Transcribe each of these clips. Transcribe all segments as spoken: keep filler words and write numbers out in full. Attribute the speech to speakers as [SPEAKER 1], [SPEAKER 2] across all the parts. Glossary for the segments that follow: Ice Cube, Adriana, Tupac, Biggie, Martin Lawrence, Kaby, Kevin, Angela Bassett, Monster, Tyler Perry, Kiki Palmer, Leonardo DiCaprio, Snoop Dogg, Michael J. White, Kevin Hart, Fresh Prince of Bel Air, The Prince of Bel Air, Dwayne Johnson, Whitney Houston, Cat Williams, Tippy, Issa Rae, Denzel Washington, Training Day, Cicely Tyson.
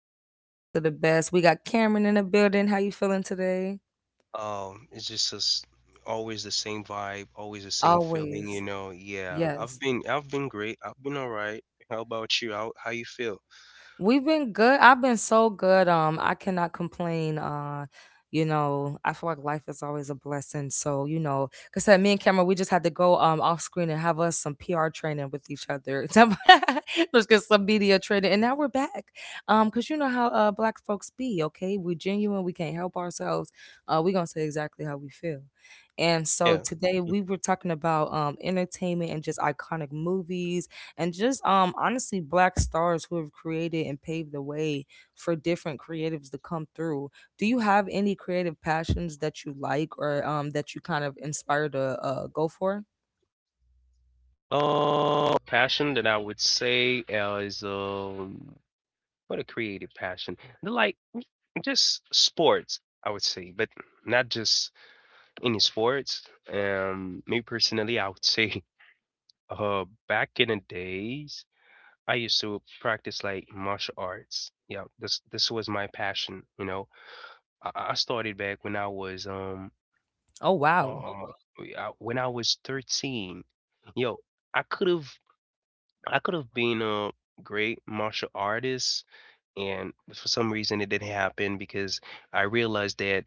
[SPEAKER 1] with the best of the best. We got Cameron in the building. How you feeling today?
[SPEAKER 2] Um, it's just a s— always the same vibe, always the same feeling, you
[SPEAKER 1] Always.
[SPEAKER 2] know. Yeah, I've
[SPEAKER 1] Yes.
[SPEAKER 2] been I've been great. I've been all right. How about you? How how you feel?
[SPEAKER 1] We've been good. I've been so good. Um, I cannot complain. Uh, you know, I feel like life is always a blessing. So, you know, because said me and Cameron, we just had to go um off screen and have us some P R training with each other. Some- Just get some media training. And now we're back. Um, because you know how uh black folks be, okay? We're genuine, we can't help ourselves. Uh, we gonna say exactly how we feel. And so
[SPEAKER 2] Yeah.
[SPEAKER 1] today we were talking about um entertainment and just iconic movies and just um honestly black stars who have created and paved the way for different creatives to come through. Do you have any creative passions that you like or um that you kind of inspire to uh go for?
[SPEAKER 2] Uh, passion that I would say uh, is um what a creative passion. The like just sports, I would say, but not just any sports. Um, me personally, I would say uh back in the days. I used to practice like martial arts. Yeah, this this was my passion. You know, I, I started back when I was um
[SPEAKER 1] Oh, wow.
[SPEAKER 2] uh I— when I was thirteen. Yo, I could have I could have been a great martial artist, and for some reason it didn't happen because I realized that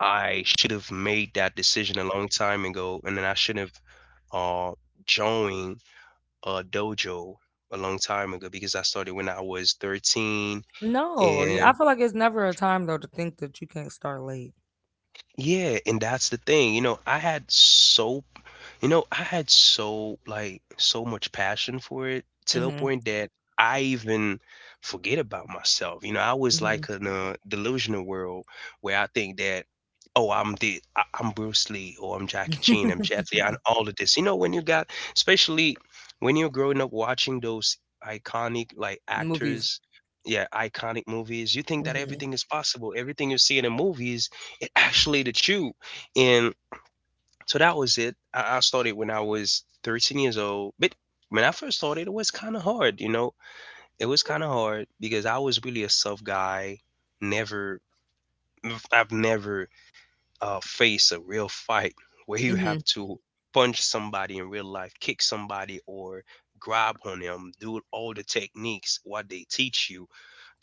[SPEAKER 2] I should have made that decision a long time ago, and then I shouldn't have uh joined a dojo a long time ago because I started when I was thirteen.
[SPEAKER 1] no you- I
[SPEAKER 2] And
[SPEAKER 1] feel like it's never a time though to think that you can't start late.
[SPEAKER 2] yeah, and that's the thing. You know, I had so, you know, I had so like so much passion for it to the
[SPEAKER 1] Mm-hmm.
[SPEAKER 2] point that I even forget about myself. You know, I was
[SPEAKER 1] Mm-hmm.
[SPEAKER 2] like in a delusional world where I think that, oh, I'm the I— I'm Bruce Lee, or I'm Jackie Chan, I'm Jet Li, and all of this. You know, when you got, especially when you're growing up watching those iconic like
[SPEAKER 1] Movies.
[SPEAKER 2] actors, yeah, iconic movies. You think that
[SPEAKER 1] Mm-hmm.
[SPEAKER 2] everything is possible. Everything you see in the movies actually the truth. And so that was it. I, I started when I was thirteen years old. But when I first started, it was kind of hard, you know? It was kind of hard because I was really a soft guy. Never, I've never uh, faced a real fight where you
[SPEAKER 1] Mm-hmm.
[SPEAKER 2] have to punch somebody in real life, kick somebody, or grab on them, do all the techniques, what they teach you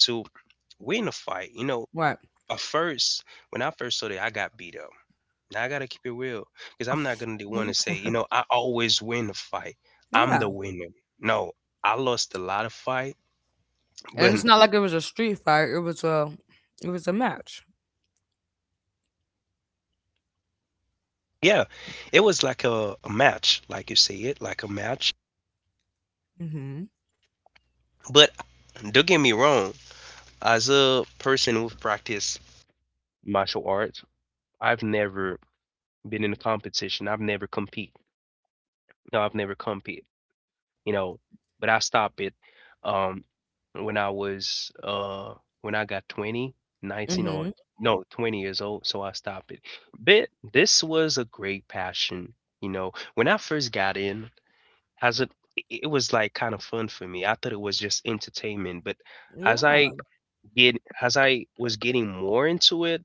[SPEAKER 2] to win a fight. You know,
[SPEAKER 1] Right.
[SPEAKER 2] at first, when I first started, I got beat up. Now I gotta keep it real because I'm not gonna be one
[SPEAKER 1] You
[SPEAKER 2] to say, you
[SPEAKER 1] playing.
[SPEAKER 2] know, I always win the fight. I'm
[SPEAKER 1] Yeah.
[SPEAKER 2] the winner. No, I lost a lot of fight,
[SPEAKER 1] And
[SPEAKER 2] but
[SPEAKER 1] it's not like it was a street fight, it was a it was a match.
[SPEAKER 2] yeah, it was like a, a match, like you say it, like a match.
[SPEAKER 1] Mm-hmm.
[SPEAKER 2] But don't get me wrong, as a person who practice martial arts, I've never been in a competition. I've never compete. No, I've never compete. You know, but I stopped it um when I was uh when I got twenty, nineteen, or
[SPEAKER 1] Mm-hmm.
[SPEAKER 2] no, twenty years old, so I stopped it. But this was a great passion, you know. When I first got in, as it it was like kind of fun for me. I thought it was just entertainment, but as I
[SPEAKER 1] Yeah.
[SPEAKER 2] get as I was getting more into it,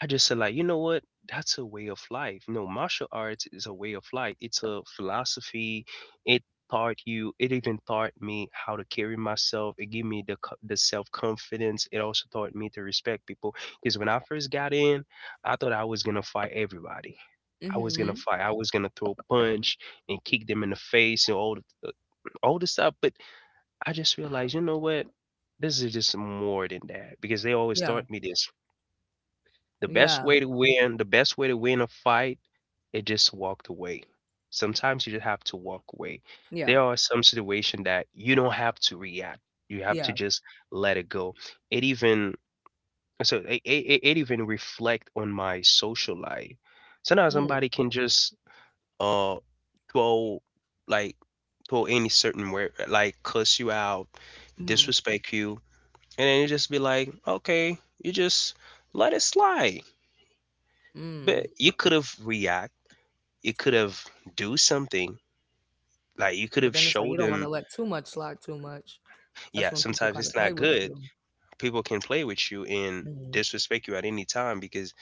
[SPEAKER 2] I just said like, you know what? That's a way of life. You know, martial arts is a way of life. It's a philosophy. It taught you. It even taught me how to carry myself. It gave me the co— the self confidence. It also taught me to respect people. Because when I first got in, I thought I was gonna fight everybody. I was gonna
[SPEAKER 1] Mm-hmm.
[SPEAKER 2] fight. I was gonna throw punch and kick them in the face and all the uh, all this stuff. But I just realized, you know what? This is just more than that because they always
[SPEAKER 1] Yeah,
[SPEAKER 2] taught me this. The best
[SPEAKER 1] yeah,
[SPEAKER 2] way to win, the best way to win a fight is just walked away. Sometimes you just have to walk away.
[SPEAKER 1] yeah,
[SPEAKER 2] There are some situation that you don't have to react. You have to
[SPEAKER 1] yeah.
[SPEAKER 2] just let it go. It even so it, it, it it even reflect on my social life. Sometimes
[SPEAKER 1] Mm,
[SPEAKER 2] somebody can just uh throw like throw any certain word like cuss you out,
[SPEAKER 1] mm,
[SPEAKER 2] disrespect you, and then you just be like, okay, you just let it slide. But
[SPEAKER 1] mm.
[SPEAKER 2] you could have react. You could have do something. Like you could
[SPEAKER 1] But
[SPEAKER 2] have
[SPEAKER 1] then it's like you
[SPEAKER 2] showed
[SPEAKER 1] don't want to
[SPEAKER 2] them,
[SPEAKER 1] let too much slide too much. That's
[SPEAKER 2] yeah,
[SPEAKER 1] when people
[SPEAKER 2] sometimes
[SPEAKER 1] kind
[SPEAKER 2] it's
[SPEAKER 1] of play
[SPEAKER 2] not
[SPEAKER 1] with
[SPEAKER 2] good.
[SPEAKER 1] you.
[SPEAKER 2] People can play with you and
[SPEAKER 1] Hmm.
[SPEAKER 2] disrespect you at any time because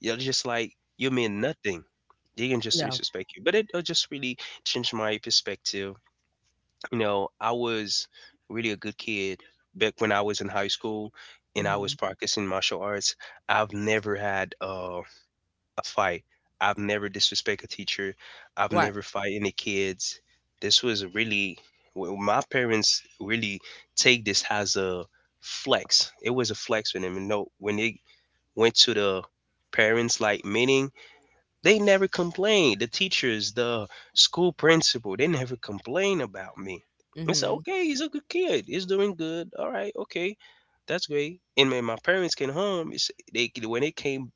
[SPEAKER 2] you're just like you mean nothing. They can just
[SPEAKER 1] Yeah.
[SPEAKER 2] disrespect you. But it, it just really changed my perspective. You know, I was really a good kid back when I was in high school and I was
[SPEAKER 1] Hmm.
[SPEAKER 2] practicing martial arts. I've never had um fight. I've never disrespect a teacher. I've
[SPEAKER 1] Right.
[SPEAKER 2] never fight any kids. This was really well, my parents really take this as a flex. It was a flex for them. And no, when they went to the parents like meeting, they never complained. The teachers, the school principal, they never complained about me. It's
[SPEAKER 1] Hmm.
[SPEAKER 2] okay. He's a good kid. He's doing good. All right. Okay, that's great. And when my parents came home, it's, they when they came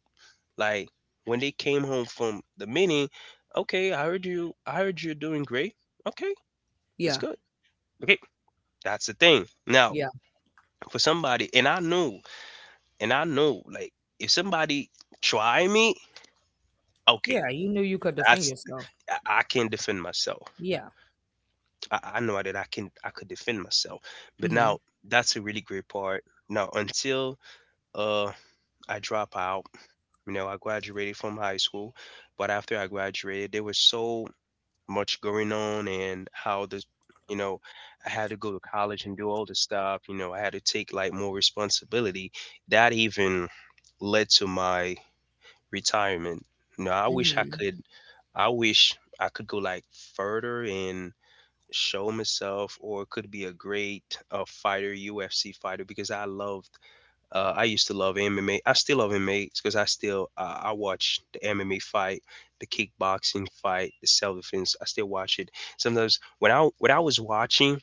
[SPEAKER 2] like when they came home from the meeting, okay, I heard you, I heard you're doing great. Okay, that's
[SPEAKER 1] Yeah.
[SPEAKER 2] good. Okay, that's the thing. Now,
[SPEAKER 1] Yeah.
[SPEAKER 2] for somebody, and I know, and I know, like if somebody try me, okay,
[SPEAKER 1] Yeah. You knew you could defend
[SPEAKER 2] that's
[SPEAKER 1] yourself.
[SPEAKER 2] I I can defend myself.
[SPEAKER 1] Yeah.
[SPEAKER 2] I, I know that I can I could defend myself. But
[SPEAKER 1] Hmm.
[SPEAKER 2] now that's a really great part. Now until uh I drop out, you know, I graduated from high school, but after I graduated, there was so much going on and how this you know I had to go to college and do all this stuff. You know, I had to take like more responsibility that even led to my retirement. You know, i wish i
[SPEAKER 1] Hmm.
[SPEAKER 2] could I wish I could go like further and show myself or could be a great uh, fighter UFC fighter because I loved uh, I used to love M M A. I still love M M A because I still uh, I watch the M M A fight, the kickboxing fight, the self defense. I still watch it sometimes. When I when I was watching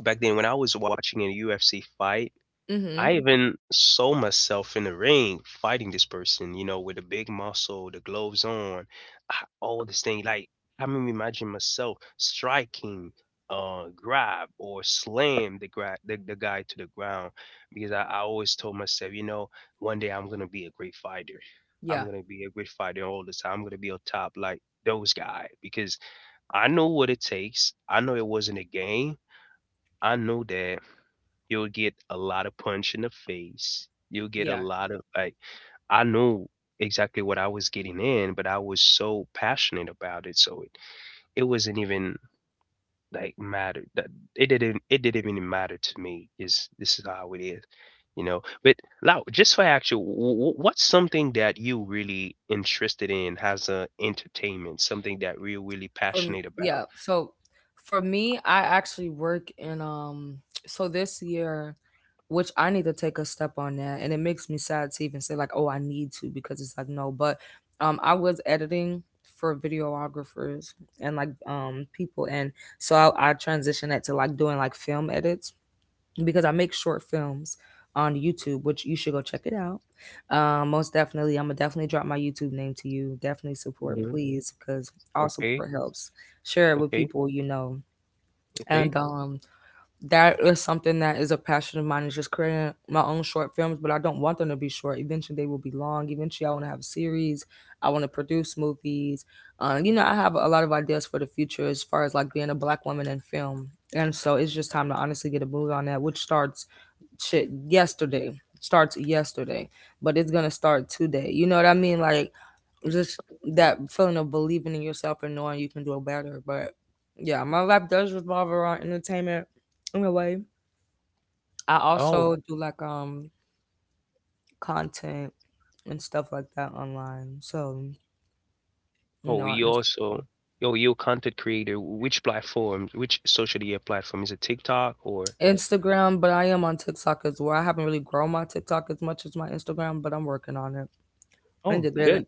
[SPEAKER 2] back then, when I was watching a U F C fight,
[SPEAKER 1] Hmm.
[SPEAKER 2] I even saw myself in the ring fighting this person, you know, with a big muscle, the gloves on, ah, all this thing. Like, I mean, imagine myself striking, uh, grab or slam the, gra— the the guy to the ground because I, I always told myself, you know, one day I'm gonna be a great fighter.
[SPEAKER 1] Yeah.
[SPEAKER 2] I'm gonna be a great fighter all the time. I'm gonna be on top like those guys because I know what it takes. I know it wasn't a game. I know that you'll get a lot of punch in the face. You'll get a
[SPEAKER 1] Yeah.
[SPEAKER 2] lot of like I knew exactly what I was getting in, but I was so passionate about it, so it it wasn't even like matter that it didn't it didn't even matter to me. Is this is how it is, you know? But now, just for actual, wh— wh— what's something that you really interested in as a entertainment? Something that we're really
[SPEAKER 1] From
[SPEAKER 2] passionate
[SPEAKER 1] yeah,
[SPEAKER 2] about?
[SPEAKER 1] so for me, I actually work in um so this year, which I need to take a step on that, and it makes me sad to even say like, oh, I need to because it's like no, but um I was editing for videographers and like um people and so I, I transitioned that to like doing like film edits because I make short films on YouTube, which you should go check it out. Um, most definitely, I'm gonna definitely drop my YouTube name to you. Definitely support,
[SPEAKER 2] Hmm.
[SPEAKER 1] please, because all
[SPEAKER 2] Okay,
[SPEAKER 1] support helps. Share it with
[SPEAKER 2] okay,
[SPEAKER 1] people you know,
[SPEAKER 2] okay.
[SPEAKER 1] and um, that is something that is a passion of mine is just creating my own short films, but I don't want them to be short. Eventually they will be long. Eventually I want to have a series. I want to produce movies. uh, you know, I have a lot of ideas for the future as far as like being a black woman in film, and so it's just time to honestly get a move on that, which starts shit yesterday. Starts yesterday. But it's gonna start today, you know what I mean? Like, just that feeling of believing in yourself and knowing you can do better. But yeah, my life does revolve around entertainment in a way. I also do like um content and stuff like that online. So you
[SPEAKER 2] Oh,
[SPEAKER 1] know, on
[SPEAKER 2] you
[SPEAKER 1] Inst-
[SPEAKER 2] also, oh, you content creator. Which platform? Which social media platform? Is it TikTok or?
[SPEAKER 1] Instagram, but I am on TikTok as well. I haven't really grown my TikTok as much as my Instagram, but I'm working on it. I need
[SPEAKER 2] Oh,
[SPEAKER 1] to get it.
[SPEAKER 2] good.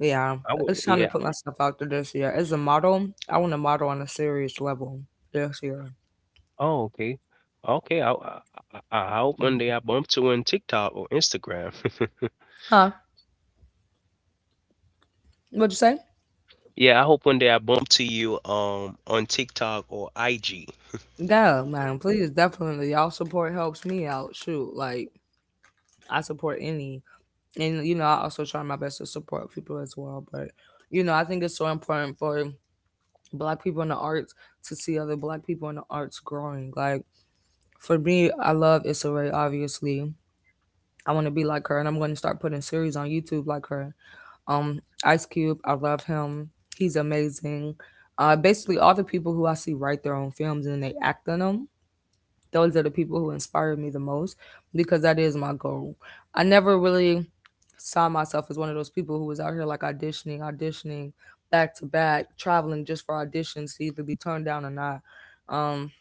[SPEAKER 1] Yeah,
[SPEAKER 2] I
[SPEAKER 1] it's
[SPEAKER 2] would.
[SPEAKER 1] time to
[SPEAKER 2] Yeah.
[SPEAKER 1] put myself out there this year. As a model, I want to model on a serious level this year.
[SPEAKER 2] Oh, okay. Okay. I I, I I hope one
[SPEAKER 1] Mhm.
[SPEAKER 2] day I bump to you on TikTok or Instagram.
[SPEAKER 1] Huh? What'd you say?
[SPEAKER 2] Yeah, I hope one day I bump to you um on TikTok or I G.
[SPEAKER 1] Yeah, man. Please, definitely, y'all support helps me out. Shoot, like I support any, and you know I also try my best to support people as well. But you know, I think it's so important for black people in the arts to see other black people in the arts growing. Like for me, I love Issa Rae, obviously. I want to be like her, and I'm going to start putting series on YouTube like her. Um, Ice Cube, I love him. He's amazing. uh basically all the people who I see write their own films and they act in them. Those are the people who inspire me the most, because that is my goal. I never really saw myself as one of those people who was out here like auditioning, auditioning back to back, traveling just for auditions to either be turned down or not. Um,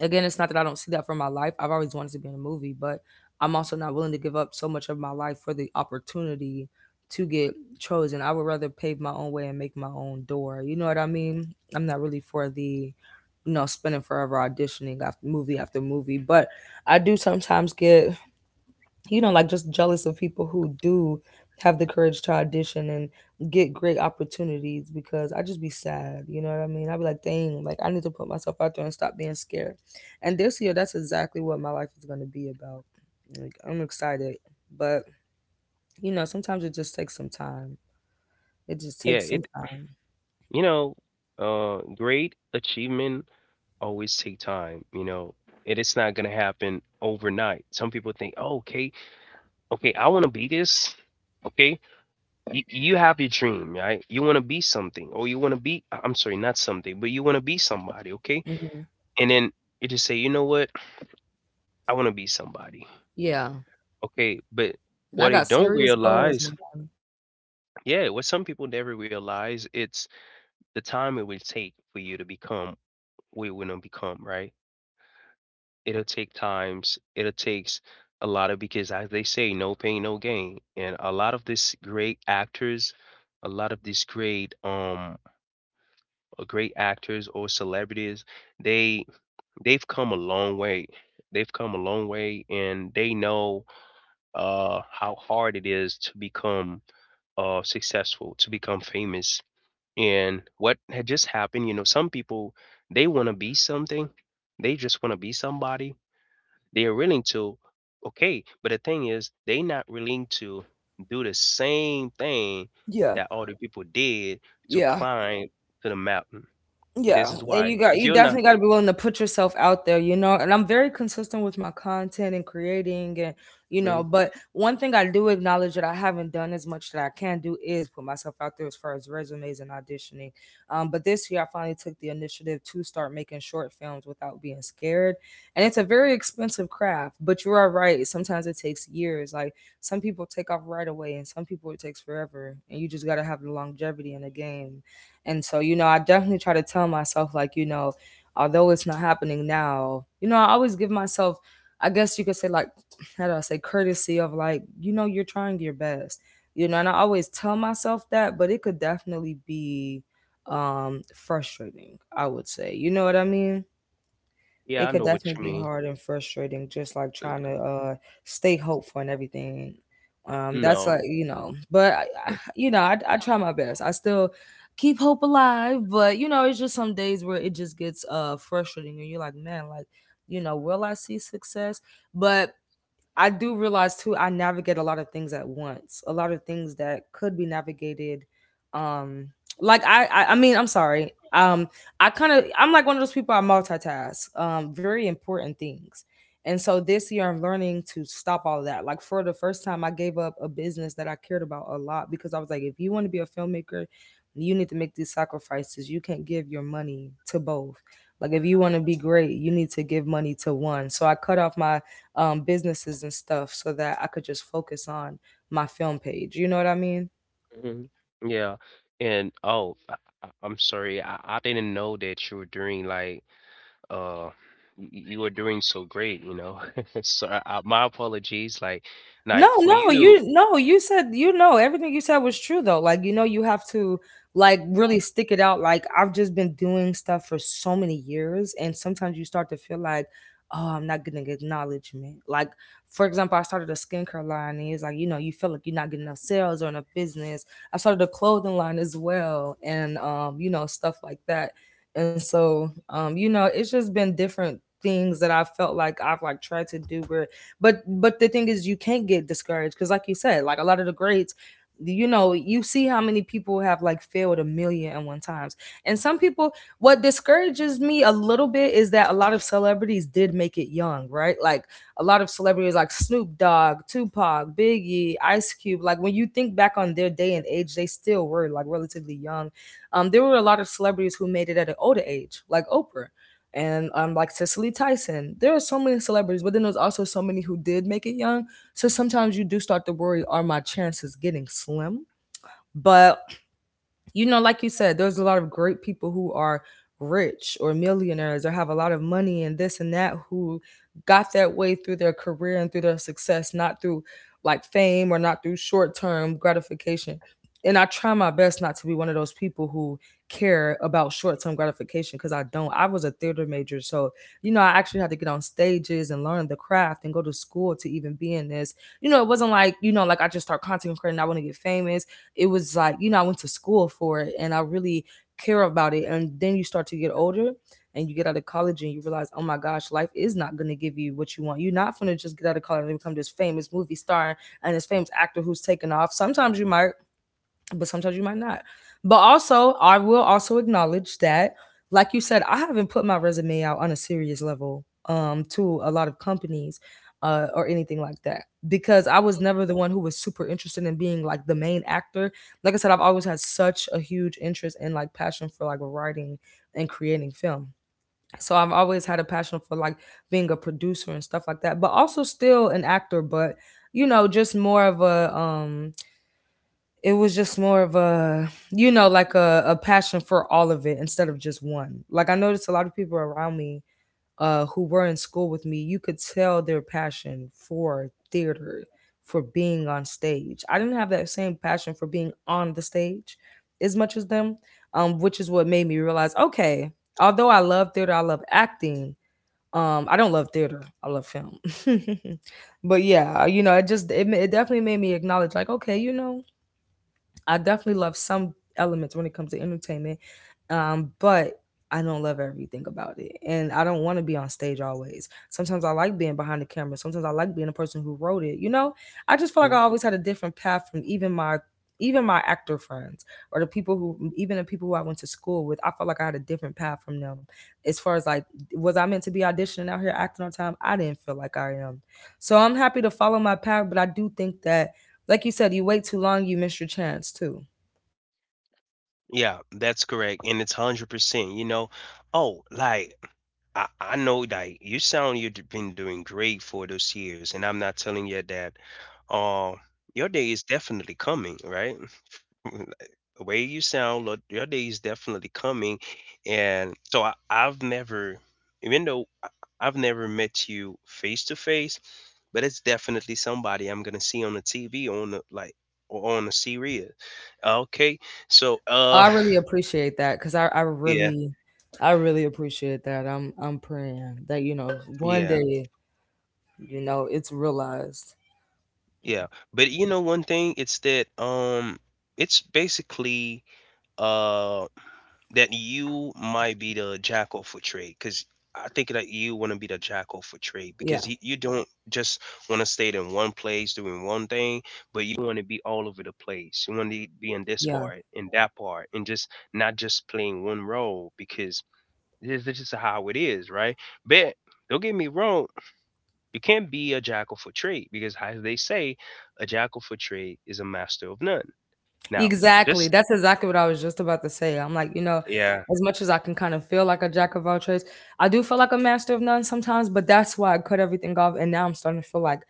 [SPEAKER 1] again, it's not that I don't see that for my life. I've always wanted to be in a movie, but I'm also not willing to give up so much of my life for the opportunity to get chosen. I would rather pave my own way and make my own door. You know what I mean? I'm not really for the you know spending forever auditioning after movie after movie, but I do sometimes get you know, like just jealous of people who do have the courage to audition and get great opportunities, because I just be sad, you know what I mean? I'd be like, dang, like I need to put myself out there and stop being scared. And this year, that's exactly what my life is going to be about. Like, I'm excited, but you know, sometimes it just takes some time. It just
[SPEAKER 2] Yeah,
[SPEAKER 1] takes some
[SPEAKER 2] it
[SPEAKER 1] time.
[SPEAKER 2] you know, uh great achievement always take time, you know. It is not gonna happen overnight. Some people think, oh, okay, okay, I want to be this. Okay, you, you have your dream, right? You want to be something, or you want to be, I— I'm sorry, not something, but you want to be somebody, okay?
[SPEAKER 1] Hmm.
[SPEAKER 2] And then you just say, you know what? I want to be somebody,
[SPEAKER 1] Yeah.
[SPEAKER 2] okay? But
[SPEAKER 1] And I
[SPEAKER 2] what they
[SPEAKER 1] got
[SPEAKER 2] don't
[SPEAKER 1] serious goals,
[SPEAKER 2] realize,
[SPEAKER 1] man.
[SPEAKER 2] yeah, what some people never realize, it's the time it will take for you to become what you want to become, right? It'll take times, it'll takes a lot of because as they say, no pain, no gain. And a lot of these great actors, a lot of these great um uh, great actors or celebrities, they they've come a long way. They've come a long way and they know uh how hard it is to become uh successful, to become famous. And what had just happened, you know, some people they want to be something. They just want to be somebody they're willing to, okay, but the thing is, they not willing to do the same thing
[SPEAKER 1] Yeah.
[SPEAKER 2] that other people did to
[SPEAKER 1] Yeah.
[SPEAKER 2] climb to the mountain.
[SPEAKER 1] Yeah,
[SPEAKER 2] This is
[SPEAKER 1] and
[SPEAKER 2] why.
[SPEAKER 1] you got
[SPEAKER 2] If
[SPEAKER 1] you
[SPEAKER 2] you're not,
[SPEAKER 1] definitely got to be willing to put yourself out there, you know. And I'm very consistent with my content and creating, and you know.
[SPEAKER 2] mhm.
[SPEAKER 1] But one thing I do acknowledge that I haven't done as much that I can do is put myself out there as far as resumes and auditioning. Um, but this year I finally took the initiative to start making short films without being scared. And it's a very expensive craft, but you are right. Sometimes it takes years. Like some people take off right away, and some people it takes forever. And you just got to have the longevity in the game. And so, you know, I definitely try to tell myself, like, you know, although it's not happening now, you know, I always give myself, I guess you could say, like, how do I say, courtesy of, like, you know, you're trying your best, you know, and I always tell myself that, but it could definitely be um frustrating, I would say. You know what I mean?
[SPEAKER 2] Yeah,
[SPEAKER 1] It
[SPEAKER 2] I
[SPEAKER 1] could
[SPEAKER 2] know what
[SPEAKER 1] definitely
[SPEAKER 2] you
[SPEAKER 1] be
[SPEAKER 2] mean.
[SPEAKER 1] hard and frustrating, just like trying to uh stay hopeful and everything. Um that's
[SPEAKER 2] No.
[SPEAKER 1] like, you know, but I, I, you know, I I try my best. I still keep hope alive, but you know, it's just some days where it just gets uh frustrating and you're like, man, like, you know, will I see success? But I do realize too, I navigate a lot of things at once, a lot of things that could be navigated. Um, like I, I, I mean, I'm sorry. Um, I kind of, I'm like one of those people. I multitask. Um, very important things. And so this year, I'm learning to stop all of that. Like for the first time, I gave up a business that I cared about a lot, because I was like, if you want to be a filmmaker, you need to make these sacrifices. You can't give your money to both. Like if you want to be great, you need to give money to one. So I cut off my um, businesses and stuff so that I could just focus on my film page. You know what I mean?
[SPEAKER 2] Mhm. Yeah. And oh, I, I- I'm sorry. I, I didn't know that you were doing like uh y— you were doing so great, you know. So I, I- my apologies like
[SPEAKER 1] No,
[SPEAKER 2] like for
[SPEAKER 1] no,
[SPEAKER 2] you to.
[SPEAKER 1] you no, you said you know everything you said was true though. Like you know you have to like really stick it out. Like I've just been doing stuff for so many years, and sometimes you start to feel like oh, I'm not getting acknowledgement. Like for example, I started a skincare line, and it's like, you know, you feel like you're not getting enough sales or enough business. I started a clothing line as well, and um, you know, stuff like that. And so um, you know, it's just been different things that I felt like I've like tried to do where but but the thing is, you can't get discouraged because, like you said, like a lot of the grades, you know, you see how many people have like failed a million and one times, and some people. What discourages me a little bit is that a lot of celebrities did make it young, right? Like a lot of celebrities like Snoop Dogg, Tupac, Biggie, Ice Cube. Like when you think back on their day and age, they still were like relatively young. Um, there were a lot of celebrities who made it at an older age, like Oprah and um like Cicely Tyson. There are so many celebrities, but then there's also so many who did make it young. So sometimes you do start to worry, are my chances getting slim? But you know, like you said, there's a lot of great people who are rich or millionaires or have a lot of money and this and that who got that way through their career and through their success, not through like fame or not through short term gratification. And I try my best not to be one of those people who care about short term gratification because I don't. I was a theater major. So, you know, I actually had to get on stages and learn the craft and go to school to even be in this. You know, it wasn't like, you know, like I just start content creating, I want to get famous. It was like, you know, I went to school for it and I really care about it. And then you start to get older and you get out of college and you realize, oh my gosh, life is not going to give you what you want. You're not going to just get out of college and become this famous movie star and this famous actor who's taken off. Sometimes you might, but sometimes you might not. But also, I will also acknowledge that, like you said, I haven't put my resume out on a serious level, um, to a lot of companies, uh, or anything like that, because I was never the one who was super interested in being like the main actor. Like I said, I've always had such a huge interest and like passion for like writing and creating film. So I've always had a passion for like being a producer and stuff like that, but also still an actor. But you know, just more of a um it was just more of a you know, like a, a passion for all of it instead of just one. Like I noticed a lot of people around me, uh, who were in school with me, you could tell their passion for theater, for being on stage. I didn't have that same passion for being on the stage as much as them. Um, which is what made me realize, okay, although I love theater, I love acting, um, I don't love theater, I love film. But yeah, you know, it just it, ma- it definitely made me acknowledge, like, okay, you know, I definitely love some elements when it comes to entertainment, um, but I don't love everything about it, and I don't want to be on stage always. Sometimes I like being behind the camera. Sometimes I like being the person who wrote it. You know, I just feel like I always had a different path from even my even my actor friends, or the people who, even the people who I went to school with. I felt like I had a different path from them. As far as like, was I meant to be auditioning out here acting on time? I didn't feel like I am. So I'm happy to follow my path, but I do think that, like you said, you wait too long, you miss your chance too.
[SPEAKER 2] Yeah, that's correct, and it's one hundred percent, you know? Oh, like, I I know, like, you sound you've been doing great for those years, and I'm not telling you that, uh, your day is definitely coming, right? The way you sound, look, your day is definitely coming, and so I I've never even though I I've never met you face to face, but it's definitely somebody I'm gonna see on the T V on the, like, or on the series. Okay, so,
[SPEAKER 1] Oh,
[SPEAKER 2] uh
[SPEAKER 1] I really appreciate that because I, I
[SPEAKER 2] Yeah,
[SPEAKER 1] really, I really appreciate that. I'm, I'm praying that, you know, one
[SPEAKER 2] yeah,
[SPEAKER 1] day, you know, it's realized.
[SPEAKER 2] yeah. But you know one thing, it's that um it's basically uh that you might be the jackal for trade because I think that you want to be the jackal for trade
[SPEAKER 1] Yeah,
[SPEAKER 2] because you, you don't just want to stay in one place doing one thing, but you want to be all over the place. You want to be in this
[SPEAKER 1] yeah,
[SPEAKER 2] part, in that part, and just not just playing one role because this, this is how it is, right? But don't get me wrong, you can't be a jackal for trade because, as they say, a jackal for trade is a master of none. Now,
[SPEAKER 1] exactly.
[SPEAKER 2] just
[SPEAKER 1] That's exactly what I was just about to say. I'm like, you know,
[SPEAKER 2] yeah,
[SPEAKER 1] as much as I can kind of feel like a jack of all trades, I do feel like a master of none sometimes. But that's why I cut everything off, and now I'm starting to feel like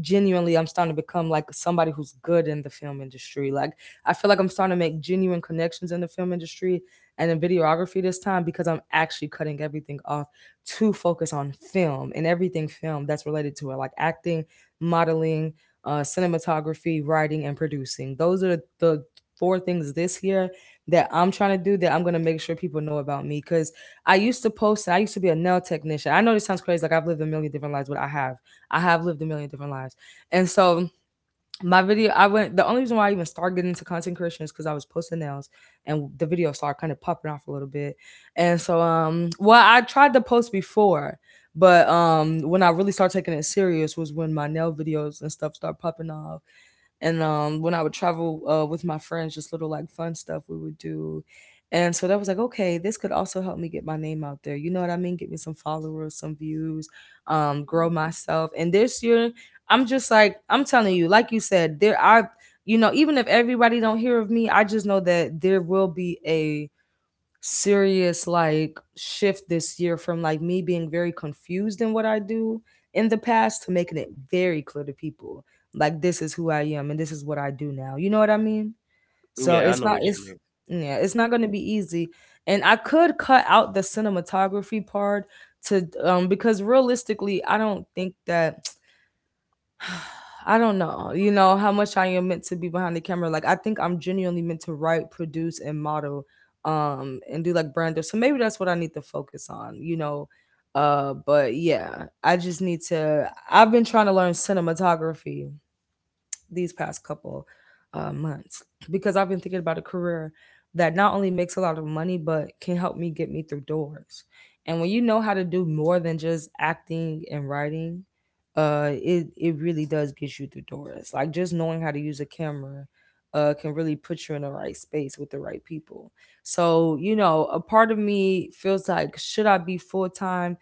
[SPEAKER 1] genuinely I'm starting to become like somebody who's good in the film industry. Like I feel like I'm starting to make genuine connections in the film industry and in videography this time because I'm actually cutting everything off to focus on film and everything film that's related to it, like acting, modeling, uh, cinematography, writing, and producing. Those are the four things this year that I'm trying to do that I'm gonna make sure people know about me, because I used to post and I used to be a nail technician. I know this sounds crazy, like I've lived a million different lives, but I have. I have lived a million different lives. And so my video, I went, the only reason why I even started getting into content creation is because I was posting nails and the video started kind of popping off a little bit. And so, um, well, I tried to post before, but um, when I really started taking it serious was when my nail videos and stuff started popping off. And um when I would travel, uh with my friends, just little like fun stuff we would do. And so that was like, okay, this could also help me get my name out there, you know what I mean, get me some followers, some views, um grow myself. And this year, I'm just like, I'm telling you, like you said, there are, you know, even if everybody don't hear of me, I just know that there will be a serious like shift this year from like me being very confused in what I do in the past to making it very clear to people, like, this is who I am and this is what I do now. You know what I mean? So
[SPEAKER 2] yeah, I
[SPEAKER 1] it's
[SPEAKER 2] know
[SPEAKER 1] not
[SPEAKER 2] what you
[SPEAKER 1] it's
[SPEAKER 2] mean.
[SPEAKER 1] yeah, it's not going to be easy. And I could cut out the cinematography part to um because realistically, I don't think that I don't know, you know, how much I am meant to be behind the camera. Like I think I'm genuinely meant to write, produce, and model, um, and do like brand. Deals. So maybe that's what I need to focus on, you know. Uh, but yeah, I just need to. I've been trying to learn cinematography these past couple, uh, months, because I've been thinking about a career that not only makes a lot of money but can help me get me through doors. And when you know how to do more than just acting and writing, uh, it it really does get you through doors. Like just knowing how to use a camera, uh, can really put you in the right space with the right people. So you know, a part of me feels like, should I be full time?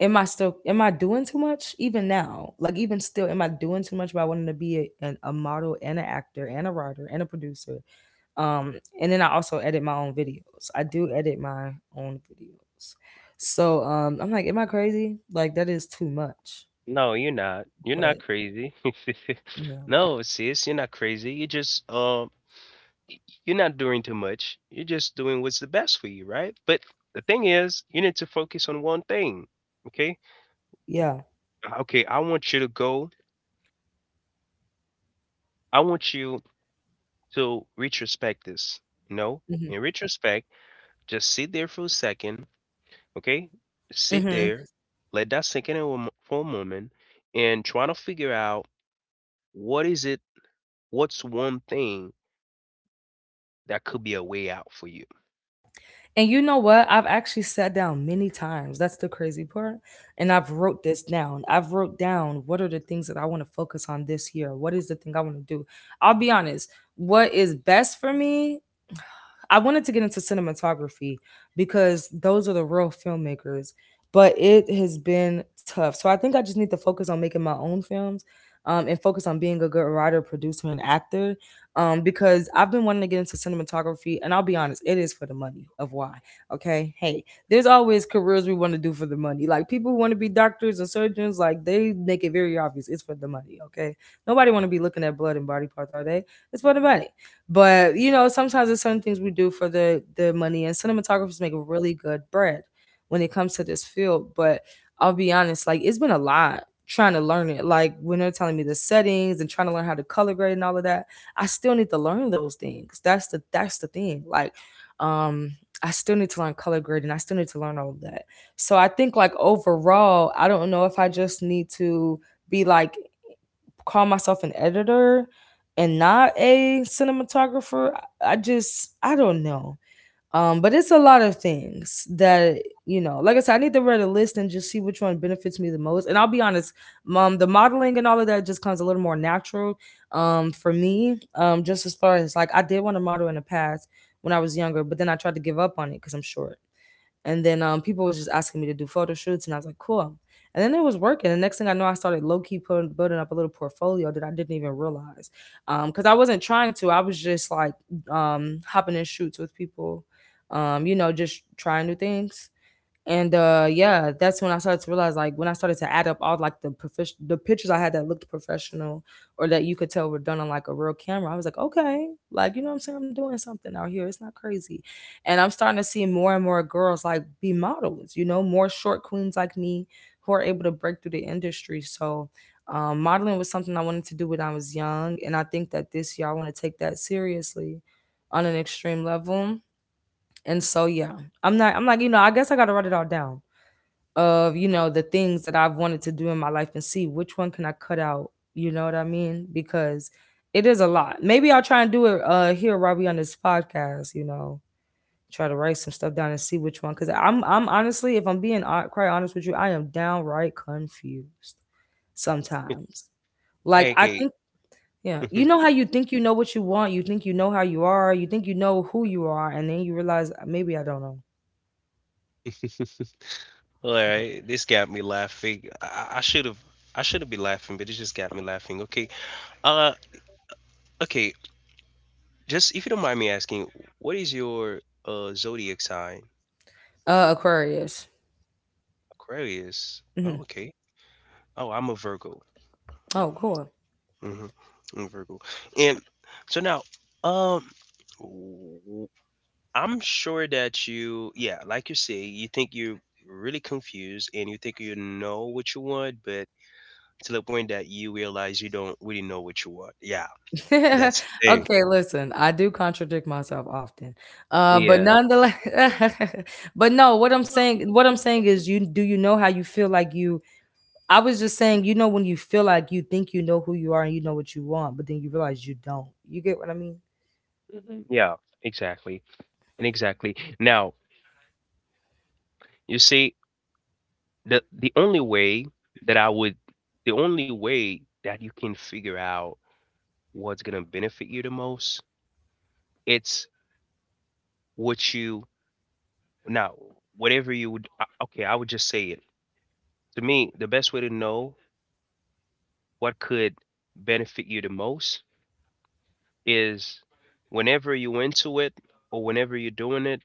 [SPEAKER 1] Am I still, am I doing too much even now? Like even still, am I doing too much by wanting to be a, an, a model and an actor and a writer and a producer? Um, and then I also edit my own videos. I do edit my own videos. So um, I'm like, am I crazy? Like that is too much.
[SPEAKER 2] No, you're not. You're not
[SPEAKER 1] But
[SPEAKER 2] crazy.
[SPEAKER 1] you know,
[SPEAKER 2] No, sis, you're not crazy. You're just um, y- you're not doing too much. You're just doing what's the best for you, right? But the thing is, you need to focus on one thing. Okay.
[SPEAKER 1] yeah.
[SPEAKER 2] Uh, Okay. I want you to go. I want you to retrospect this. You know,
[SPEAKER 1] Mm-hmm.
[SPEAKER 2] in retrospect, just sit there for a second. Okay? Sit
[SPEAKER 1] Mm-hmm.
[SPEAKER 2] there, let that sink in a wom- for a moment, and try to figure out what is it, what's one thing that could be a way out for you.
[SPEAKER 1] And you know what? I've actually sat down many times. That's the crazy part. And I've wrote this down. I've wrote down, what are the things that I want to focus on this year? What is the thing I want to do? I'll be honest. What is best for me? I wanted to get into cinematography because those are the real filmmakers, but it has been tough. So I think I just need to focus on making my own films, um, and focus on being a good writer, producer, and actor, um, because I've been wanting to get into cinematography. And I'll be honest, it is for the money of why. Okay. Hey, there's always careers we want to do for the money. Like people who want to be doctors and surgeons, like they make it very obvious it's for the money. Okay. Nobody want to be looking at blood and body parts all day. It's for the money. But you know, sometimes there's certain things we do for the the money, and cinematographers make really good bread when it comes to this field. But I'll be honest, like it's been a lot trying to learn it. Like when they're telling me the settings and trying to learn how to color grade and all of that, I still need to learn those things. That's the that's the thing. Like, um, I still need to learn color grading. I still need to learn all of that. So I think like overall, I don't know if I just need to be like call myself an editor and not a cinematographer. I just I don't know. Um, but it's a lot of things that, you know. Like I said, I need to read a list and just see which one benefits me the most. And I'll be honest, um, the modeling and all of that just comes a little more natural, um, for me. Um, just as far as like, I did want to model in the past when I was younger, but then I tried to give up on it because I'm short. And then um, people was just asking me to do photo shoots, and I was like, cool. And then it was working. The next thing I know, I started low key putting, building up a little portfolio that I didn't even realize, because I wasn't trying to. I was just like um, hopping in shoots with people, um, you know, just trying new things. And uh yeah, that's when I started to realize like when I started to add up all like the profish the pictures I had that looked professional or that you could tell were done on like a real camera. I was like, okay, like you know what I'm saying? I'm doing something out here. It's not crazy. And I'm starting to see more and more girls like be models, you know, more short queens like me who are able to break through the industry. So um, modeling was something I wanted to do when I was young. And I think that this year I want to take that seriously on an extreme level. And so yeah, I'm not I'm like, you know, I guess I gotta write it all down of you know the things that I've wanted to do in my life and see which one can I cut out. You know what I mean? Because it is a lot. Maybe I'll try and do it uh here, Robbie, on this podcast. You know, try to write some stuff down and see which one. Because I'm I'm honestly, if I'm being hon- quite honest with you, I am downright confused sometimes. Like I
[SPEAKER 2] Okay.
[SPEAKER 1] think. Yeah, you know how you think you know what you want, you think you know how you are, you think you know who you are, and then you realize uh, maybe I don't know.
[SPEAKER 2] All right, this got me laughing. I I should have, I shouldn't be laughing, but it just got me laughing. Okay. Uh, okay. Just if you don't mind me asking, what is your uh zodiac sign?
[SPEAKER 1] Uh, Aquarius.
[SPEAKER 2] Aquarius.
[SPEAKER 1] Hmm.
[SPEAKER 2] Oh, okay. Oh, I'm a Virgo.
[SPEAKER 1] Oh, cool.
[SPEAKER 2] Mhm. I'm Virgo. And so now, um, w- I'm sure that you, yeah, like you say, you think you're really confused and you think you know what you want, but to the point that you realize you don't really know what you want. Yeah, that's the thing.
[SPEAKER 1] Okay, listen, I do contradict myself often. Uh, but
[SPEAKER 2] Yeah.
[SPEAKER 1] nonetheless, but no, what I'm saying, what I'm saying is you do you know how you feel like you I was just saying, you know, when you feel like you think you know who you are and you know what you want, but then you realize you don't. You get what I mean?
[SPEAKER 2] Mhm. Yeah, exactly. And exactly. Now, you see, the the only way that I would, the only way that you can figure out what's gonna benefit you the most, it's what you now, whatever you would uh, okay, I would just say it. To me, the best way to know what could benefit you the most is whenever you into it or whenever you're doing it,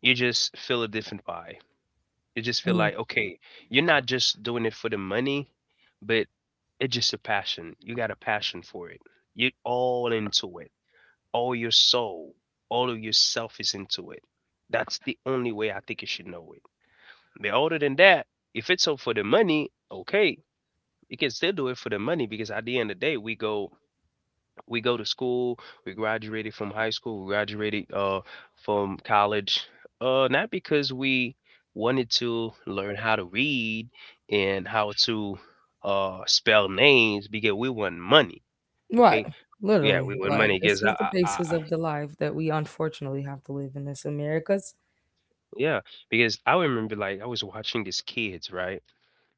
[SPEAKER 2] you just feel a different vibe. You just feel
[SPEAKER 1] Hmm.
[SPEAKER 2] like, okay, you're not just doing it for the money, but it's just a passion. You got a passion for it. You're all into it. All your soul, all of yourself is into it. That's the only way I think you should know it. But other than that, if it's so for the money, okay, you can still do it for the money because at the end of the day, we go we go to school, we graduated from high school, we graduated uh from college, uh not because we wanted to learn how to read and how to uh spell names because we want money.
[SPEAKER 1] Right.
[SPEAKER 2] Okay, yeah,
[SPEAKER 1] Literally.
[SPEAKER 2] we want
[SPEAKER 1] Like
[SPEAKER 2] money
[SPEAKER 1] this
[SPEAKER 2] because I,
[SPEAKER 1] is the
[SPEAKER 2] I, I
[SPEAKER 1] basis of the life that we unfortunately have to live in this Americas.
[SPEAKER 2] yeah because I remember like I was watching these kids right.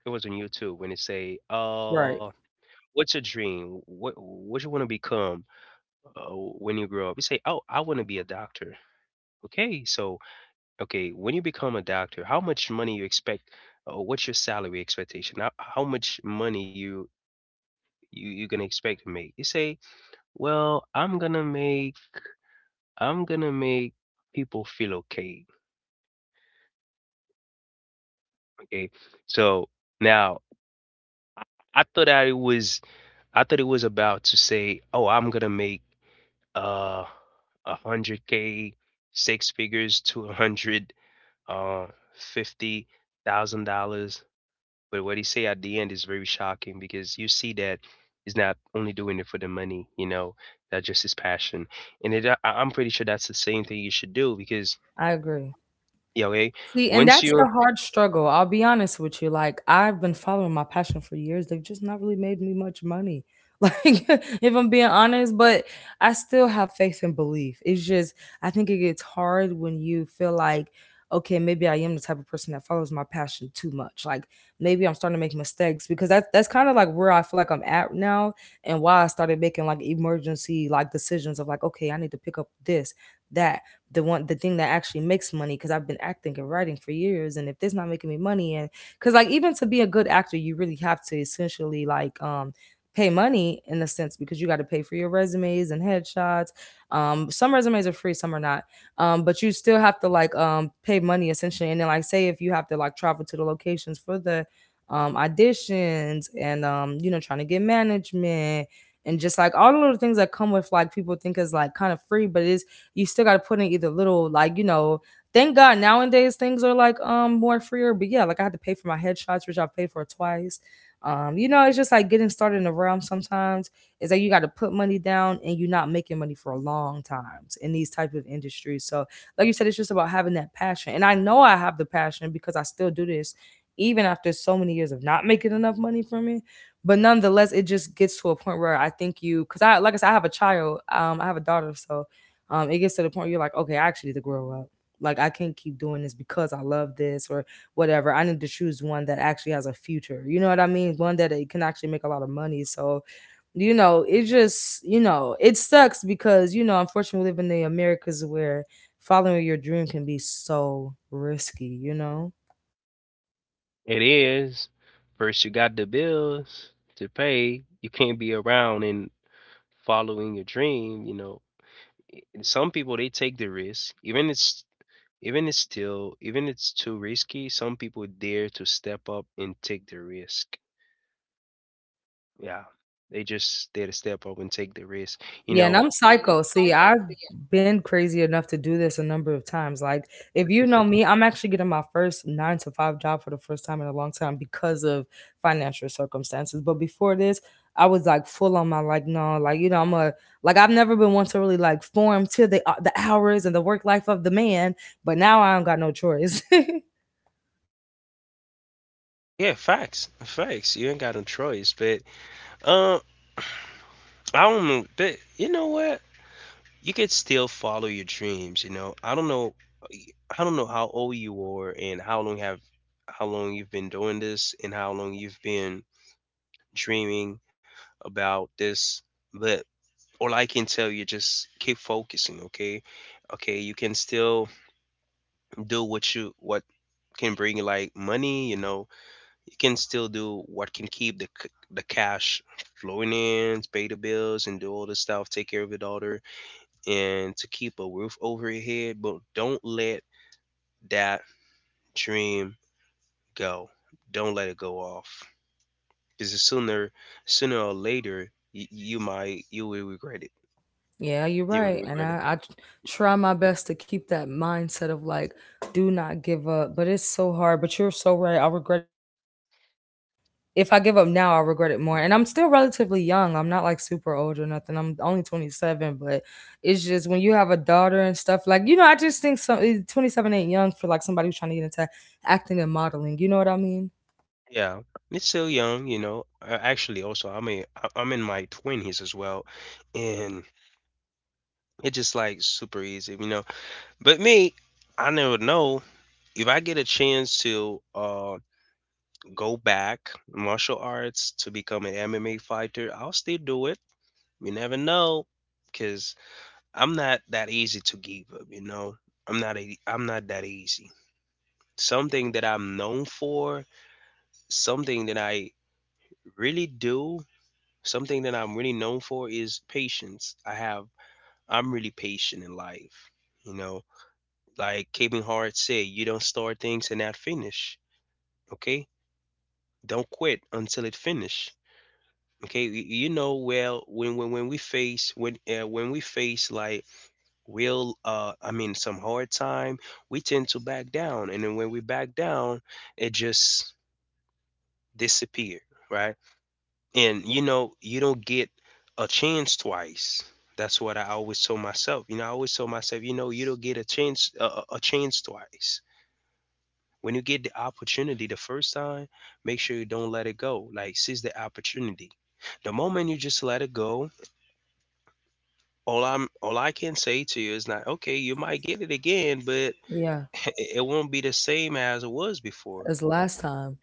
[SPEAKER 2] It was on YouTube when they say uh
[SPEAKER 1] Right.
[SPEAKER 2] what's your dream? What what you want to become uh, when you grow up? You say, "Oh, I want to be a doctor." Okay, so okay, when you become a doctor, how much money you expect? Uh, what's your salary expectation? How, how much money you you you gonna expect to make? You say, "Well, I'm gonna make I'm gonna make people feel okay." Okay, so now I thought that it was I thought it was about to say, "Oh, I'm gonna make uh one hundred k six figures to one hundred uh fifty thousand dollars." But what he say at the end is very shocking because you see that he's not only doing it for the money, you know, that's just his passion. And it, I, I'm pretty sure that's the same thing you should do because
[SPEAKER 1] I agree.
[SPEAKER 2] yeah okay
[SPEAKER 1] See, and
[SPEAKER 2] once
[SPEAKER 1] that's
[SPEAKER 2] you're
[SPEAKER 1] the hard struggle. I'll be honest with you. Like, I've been following my passion for years. They've just not really made me much money. Like, if I'm being honest, but I still have faith and belief. It's just, I think it gets hard when you feel like, okay, maybe I am the type of person that follows my passion too much. Like, maybe I'm starting to make mistakes because that's that's kind of like where I feel like I'm at now, and why I started making like emergency like decisions of like, okay, I need to pick up this, that, the one the thing that actually makes money. Because I've been acting and writing for years, and if this not making me money, and because like even to be a good actor you really have to essentially like um pay money in a sense, because you got to pay for your resumes and headshots. Um some resumes are free, some are not. Um but you still have to like um pay money essentially. And then like say if you have to like travel to the locations for the um auditions, and um you know, trying to get management, and just like all the little things that come with like people think is like kind of free, but it is, you still got to put in either little like, you know, thank god nowadays things are like um more freer. But yeah, like I had to pay for my headshots which I've paid for twice. Um you know, it's just like getting started in the realm sometimes is that you got to put money down, and you're not making money for a long times in these type of industries. So like you said, it's just about having that passion, and I know I have the passion because I still do this even after so many years of not making enough money from it. But nonetheless, it just gets to a point where I think you, because I like I said, I have a child, um I have a daughter. So um, it gets to the point where you're like, okay, I actually need to grow up. Like I can't keep doing this because I love this or whatever. I need to choose one that actually has a future. You know what I mean? One that it can actually make a lot of money. So, you know, it just, you know, it sucks because, you know, unfortunately we live in the Americas where following your dream can be so risky, you know?
[SPEAKER 2] it is. First you got the bills to pay, you can't be around and following your dream, you know. I- some people they take the risk, even it's even it's still, even it's too risky, some people dare to step up and take the risk. Yeah, they just dare to step up and take the risk. You
[SPEAKER 1] Yeah, and
[SPEAKER 2] know,
[SPEAKER 1] I'm psycho. See, I've been crazy enough to do this a number of times. Like, if you know me, I'm actually getting my first nine to five job for the first time in a long time because of financial circumstances. But before this, I was like full on my like, no, like you know, I'm a like I've never been one to really like form to the uh, the hours and the work life of the man. But now I don't got no choice.
[SPEAKER 2] yeah, facts, facts. You ain't got no choice, but uh, I don't know, but you know what? You could still follow your dreams. You know, I don't know, I don't know how old you are and how long have, how long you've been doing this and how long you've been dreaming about this, but all I can tell you just keep focusing, okay? Okay, you can still do what you what can bring you like money, you know. You can still do what can keep the c- the cash flowing in, pay the bills and do all the stuff, take care of your daughter and to keep a roof over your head, but don't let that dream go. Don't let it go off. Cuz sooner sooner or later you, you might you will regret it.
[SPEAKER 1] Yeah, you're
[SPEAKER 2] You will
[SPEAKER 1] right, and
[SPEAKER 2] regret it.
[SPEAKER 1] I I t- try my best to keep that mindset of like, do not give up. But it's so hard. But you're so right. I regret. If I give up now, I'll regret it more. And I'm still relatively young. I'm not like super old or nothing. I'm only twenty-seven, but it's just when you have a daughter and stuff, like, you know, I just think some eh, twenty-seven ain't young for like somebody who's trying to get into acting and modeling. You know what I mean?
[SPEAKER 2] Yeah, it's still young, you know. Uh, actually, also, I mean, I- I'm in my twenties as well, and it's just like super easy, you know. But me, I never know if I get a chance to uh go back martial arts to become an M M A fighter, I'll still do it. You never know, because I'm not that easy to give up, you know. I'm not a, I'm not that easy. Something that I'm known for, something that I really do Something that I'm really known for is patience. I have I'm really patient in life. You know, like Kevin Hart said, you don't start things and not finish. Okay? Don't quit until it finish. Okay? Y- You know well when when when we face when uh, when we face like real uh I mean some hard time, we tend to back down, and then when we back down it just disappear, right? And you know, you don't get a chance twice. That's what I always told myself. You know, I always told myself, you know, you don't get a chance a, a a chance twice. When you get the opportunity the first time, make sure you don't let it go. Like seize the opportunity. The moment you just let it go, all I'm all I can say to you is not okay, you might get it again, but
[SPEAKER 1] Yeah,
[SPEAKER 2] it won't be the same as it was before.
[SPEAKER 1] as last time.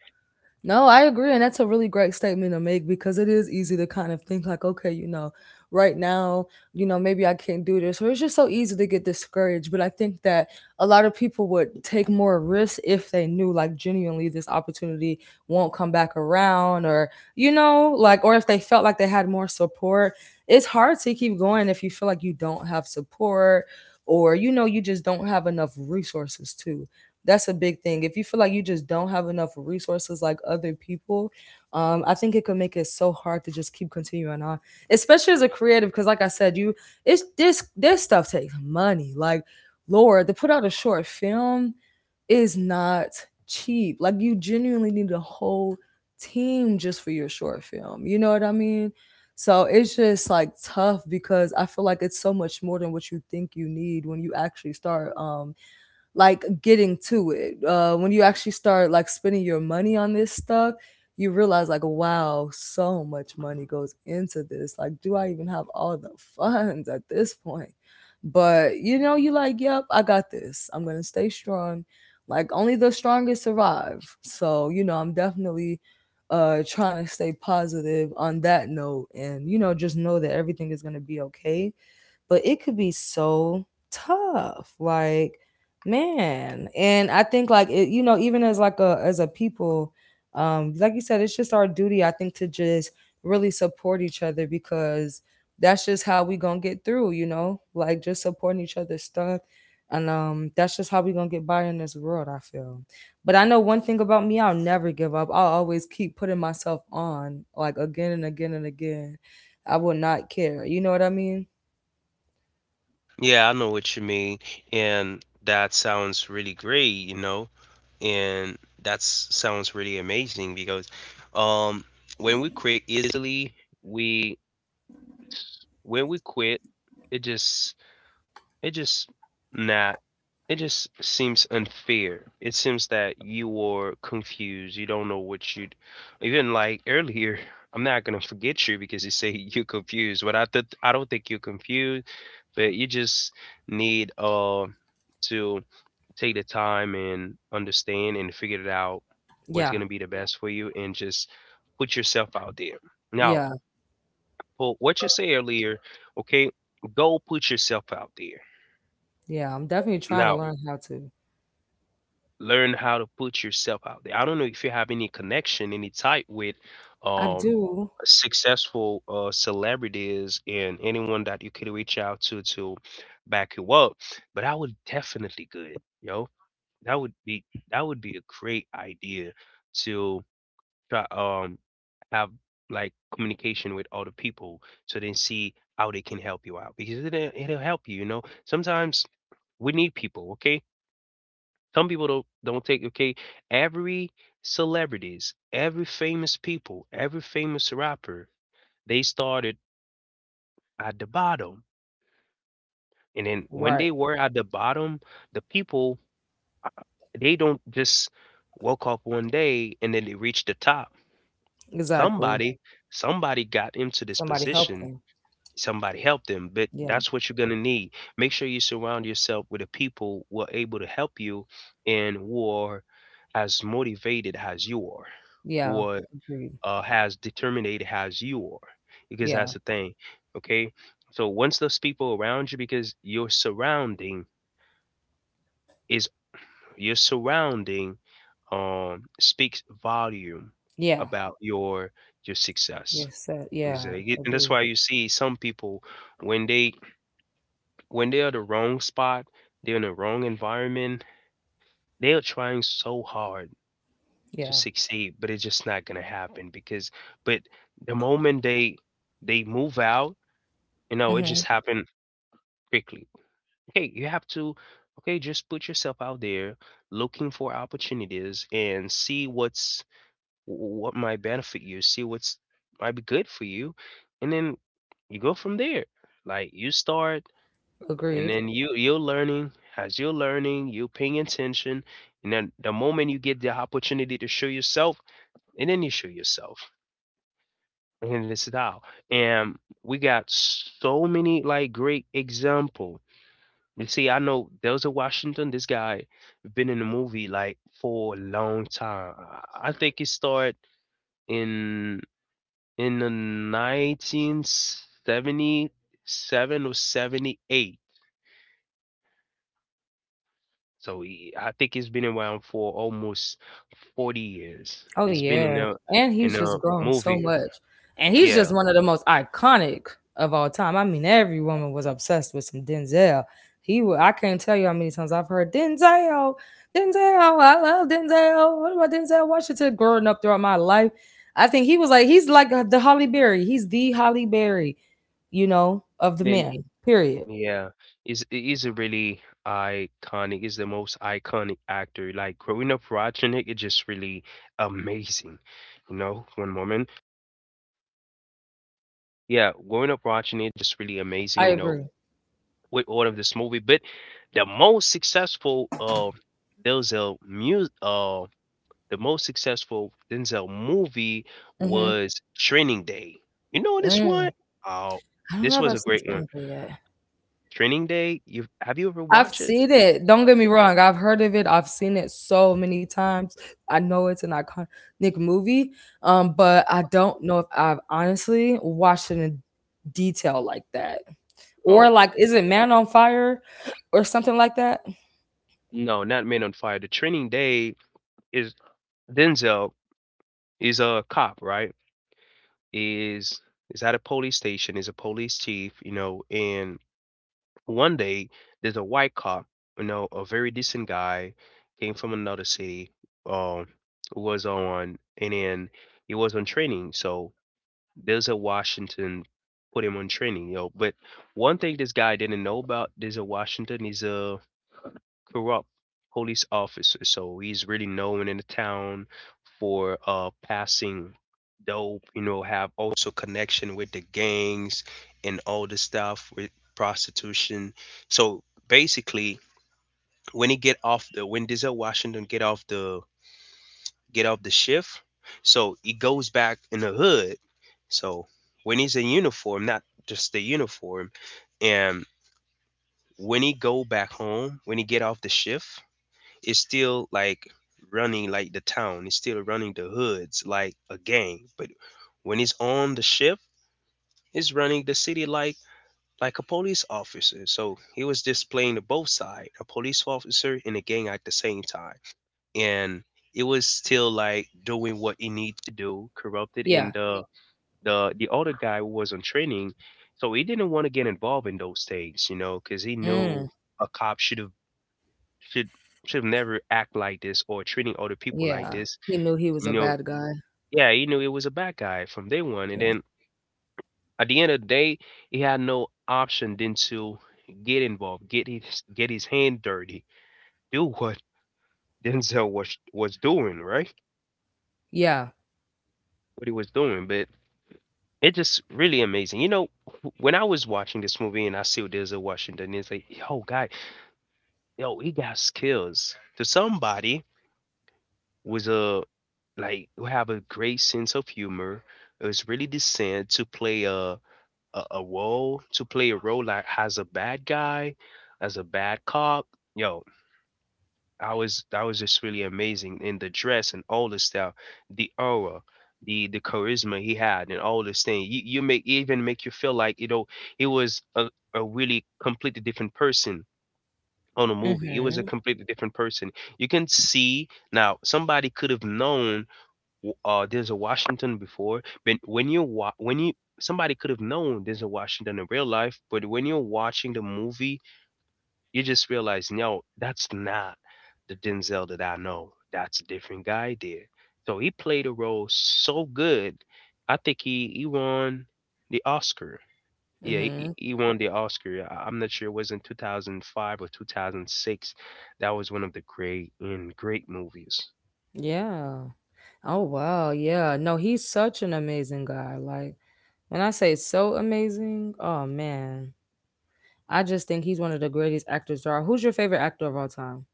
[SPEAKER 1] No, I agree. And that's a really great statement to make, because it is easy to kind of think, like, okay, you know, right now, you know, maybe I can't do this. Or it's just so easy to get discouraged. But I think that a lot of people would take more risks if they knew, like, genuinely this opportunity won't come back around, or, you know, like, or if they felt like they had more support. It's hard to keep going if you feel like you don't have support, or, you know, you just don't have enough resources too. That's a big thing. If you feel like you just don't have enough resources like other people, um, I think it could make it so hard to just keep continuing on, especially as a creative. Because like I said, you it's this this stuff takes money. Like, Lord, to put out a short film is not cheap. Like, you genuinely need a whole team just for your short film. You know what I mean? So it's just like tough because I feel like it's so much more than what you think you need when you actually start. Um, like getting to it. Uh, when you actually start like spending your money on this stuff, you realize like, wow, so much money goes into this. Like, do I even have all the funds at this point? But you know, you like, yep, I got this. I'm gonna stay strong. Like, only the strongest survive. So you know, I'm definitely uh trying to stay positive on that note, and you know, just know that everything is going to be okay. But it could be so tough. Like, man, and I think like it, you know, even as like a as a people, um like you said, it's just our duty, I think, to just really support each other, because that's just how we gonna get through. You know, like just supporting each other's stuff, and um that's just how we gonna get by in this world, I feel. But I know one thing about me, I'll never give up. I'll always keep putting myself on like again and again and again. I will not care, you know what I mean.
[SPEAKER 2] Yeah, I know what you mean. And that sounds really great, you know? And that sounds really amazing because um when we quit easily, we when we quit, it just it just not it just seems unfair. It seems that you are confused. You don't know what you'd even like earlier. I'm not gonna forget you because you say you're confused, but I th- I don't think you're confused, but you just need uh to take the time and understand and figure it out what's
[SPEAKER 1] Yeah.
[SPEAKER 2] gonna be the best for you and just put yourself out there. Now,
[SPEAKER 1] Yeah,
[SPEAKER 2] for what you say earlier, okay, go put yourself out there.
[SPEAKER 1] yeah, I'm definitely trying to
[SPEAKER 2] Now,
[SPEAKER 1] learn how to.
[SPEAKER 2] learn how to put yourself out there. I don't know if you have any connection, any type with
[SPEAKER 1] I
[SPEAKER 2] um
[SPEAKER 1] do.
[SPEAKER 2] successful uh celebrities and anyone that you could reach out to to back you up. But I would definitely good, yo. That would be that would be a great idea to try um have like communication with other people so they see how they can help you out because it, it'll it'll help you, you know. Sometimes we need people, okay? Some people don't don't take okay, every celebrities, every famous people, every famous rapper, they started at the bottom. And then when
[SPEAKER 1] Right.
[SPEAKER 2] they were at the bottom, the people uh, they don't just woke up one day and then they reached the top.
[SPEAKER 1] Exactly.
[SPEAKER 2] Somebody somebody got into this
[SPEAKER 1] Somebody help
[SPEAKER 2] position,
[SPEAKER 1] them.
[SPEAKER 2] somebody help them, but
[SPEAKER 1] Yeah.
[SPEAKER 2] that's what you're going to need. Make sure you surround yourself with the people who are able to help you and who are as motivated as you are, who
[SPEAKER 1] Yeah.
[SPEAKER 2] are
[SPEAKER 1] Agreed.
[SPEAKER 2] uh, as determined as you are, because
[SPEAKER 1] Yeah.
[SPEAKER 2] that's the thing. Okay, so once those people around you, because your surrounding is, your surrounding um speaks volume
[SPEAKER 1] Yeah.
[SPEAKER 2] about your your success.
[SPEAKER 1] Yes. uh,
[SPEAKER 2] Is
[SPEAKER 1] Yeah.
[SPEAKER 2] that- and that's
[SPEAKER 1] Agreed.
[SPEAKER 2] why you see some people when they when they're the wrong spot, they're in the wrong environment, they are trying so hard to
[SPEAKER 1] Yeah.
[SPEAKER 2] succeed, but it's just not gonna happen because, but the moment they they move out, you know, it just
[SPEAKER 1] Mm-hmm.
[SPEAKER 2] happened quickly. Okay, you have to, okay, just put yourself out there looking for opportunities and see what's, what might benefit you, see what's might be good for you, and then you go from there. Like you start and
[SPEAKER 1] Agreed.
[SPEAKER 2] then you you're learning, as you're learning you're paying attention, and then the moment you get the opportunity to show yourself, and then you show yourself. And this is how, and we got so many like great example. You see, I know there's a Washington, this guy been in the movie like for a long time. i I think he started in in the one thousand nine hundred seventy-seven or seventy-eight. So he, I think he's been around for almost forty years.
[SPEAKER 1] Oh
[SPEAKER 2] He's been in
[SPEAKER 1] yeah.
[SPEAKER 2] a
[SPEAKER 1] And
[SPEAKER 2] in
[SPEAKER 1] he's
[SPEAKER 2] a
[SPEAKER 1] just grown so
[SPEAKER 2] movie.
[SPEAKER 1] much. And he's
[SPEAKER 2] Yeah.
[SPEAKER 1] just one of the most iconic of all time. I mean, every woman was obsessed with some Denzel. He wa- I can't tell you how many times I've heard Denzel, Denzel, I love Denzel. What about Denzel Washington growing up throughout my life? I think he was like he's like uh, the Holly Berry. He's the Holly Berry, you know, of the
[SPEAKER 2] And e,
[SPEAKER 1] men. Period.
[SPEAKER 2] yeah, is is a really iconic. Is the most iconic actor. Like growing up watching it, it's just really amazing. You know, one moment. Yeah, growing up watching it, just really amazing.
[SPEAKER 1] I
[SPEAKER 2] You know,
[SPEAKER 1] agree.
[SPEAKER 2] with all of this movie. But the most successful, uh, there's a music, uh, the most successful Denzel movie
[SPEAKER 1] Mm-hmm.
[SPEAKER 2] was Training Day. You know this
[SPEAKER 1] Mm.
[SPEAKER 2] one? Oh,
[SPEAKER 1] I don't know
[SPEAKER 2] this
[SPEAKER 1] if
[SPEAKER 2] was
[SPEAKER 1] I've
[SPEAKER 2] a
[SPEAKER 1] seen
[SPEAKER 2] great one.
[SPEAKER 1] Trinity yet.
[SPEAKER 2] Training Day. You have you ever
[SPEAKER 1] I've
[SPEAKER 2] watched it?
[SPEAKER 1] seen it. Don't get me wrong. I've heard of it. I've seen it so many times. I know it's an iconic movie, um, but I don't know if I've honestly watched it in detail like that. Or
[SPEAKER 2] Oh
[SPEAKER 1] like, is it Man on Fire or something like that?
[SPEAKER 2] no, not Men on Fire. The Training Day is, Denzel is a cop, right? Is is at a police station. Is a police chief, you know. And one day there's a white cop, you know, a very decent guy, came from another city. Um, was on, and then he was on training. So Denzel Washington put him on training, yo. But one thing this guy didn't know about Denzel Washington, he's a corrupt police officer. So he's really known in the town for uh passing dope, you know, have also connection with the gangs and all the stuff with prostitution. So basically when he get off the, when Denzel Washington get off the get off the shift. So he goes back in the hood. So when he's in uniform, not just the uniform, and when he go back home, when he get off the shift, it's still like running like the town. It's still running the hoods like a gang. But when he's on the shift, he's running the city like like a police officer. So he was displaying the both side, a police officer and a gang at the same time, and it was still like doing what he need to do, corrupted.
[SPEAKER 1] Yeah.
[SPEAKER 2] And the the the other guy who was on training, so he didn't want to get involved in those things, you know, because he
[SPEAKER 1] Mm,
[SPEAKER 2] knew a cop should have, should should have never act like this, or treating other people like
[SPEAKER 1] yeah.
[SPEAKER 2] this,
[SPEAKER 1] He knew he was a
[SPEAKER 2] you know.
[SPEAKER 1] bad guy.
[SPEAKER 2] Yeah, he knew it was a bad guy from day one, and
[SPEAKER 1] Yeah.
[SPEAKER 2] then at the end of the day he had no option than to get involved, get his get his hand dirty, do what Denzel was was doing, right,
[SPEAKER 1] Yeah.
[SPEAKER 2] what he was doing. But it just really amazing. You know, wh- when I was watching this movie and I see Denzel Washington, it's like, yo, guy, yo, he got skills. To somebody was a, like, who have a great sense of humor, is really decent to play a, a a role, to play a role like as a bad guy, as a bad cop. Yo, I was I was just really amazing in the dress and all the style, the aura, the the charisma he had, and all this thing. You you make, even make you feel like, you know, he was a, a really completely different person on a movie. He was
[SPEAKER 1] Mm-hmm.
[SPEAKER 2] a completely different person. You can see now somebody could have known w- uh there's a Washington before, but when you wa- when you somebody could have known there's a Washington in real life, but when you're watching the movie you just realize, no, that's not the Denzel that I know. That's a different guy there. So he played a role so good. I think he, he won the Oscar. Yeah, he,
[SPEAKER 1] Mm-hmm.
[SPEAKER 2] he won the Oscar. I- I'm not sure it was in two thousand five or two thousand six. That was one of the great and great movies.
[SPEAKER 1] Yeah. Oh wow. Yeah. No, he's such an amazing guy. Like when I say so amazing, oh man. I just think he's one of the greatest actors there are. Who's your favorite actor of all time?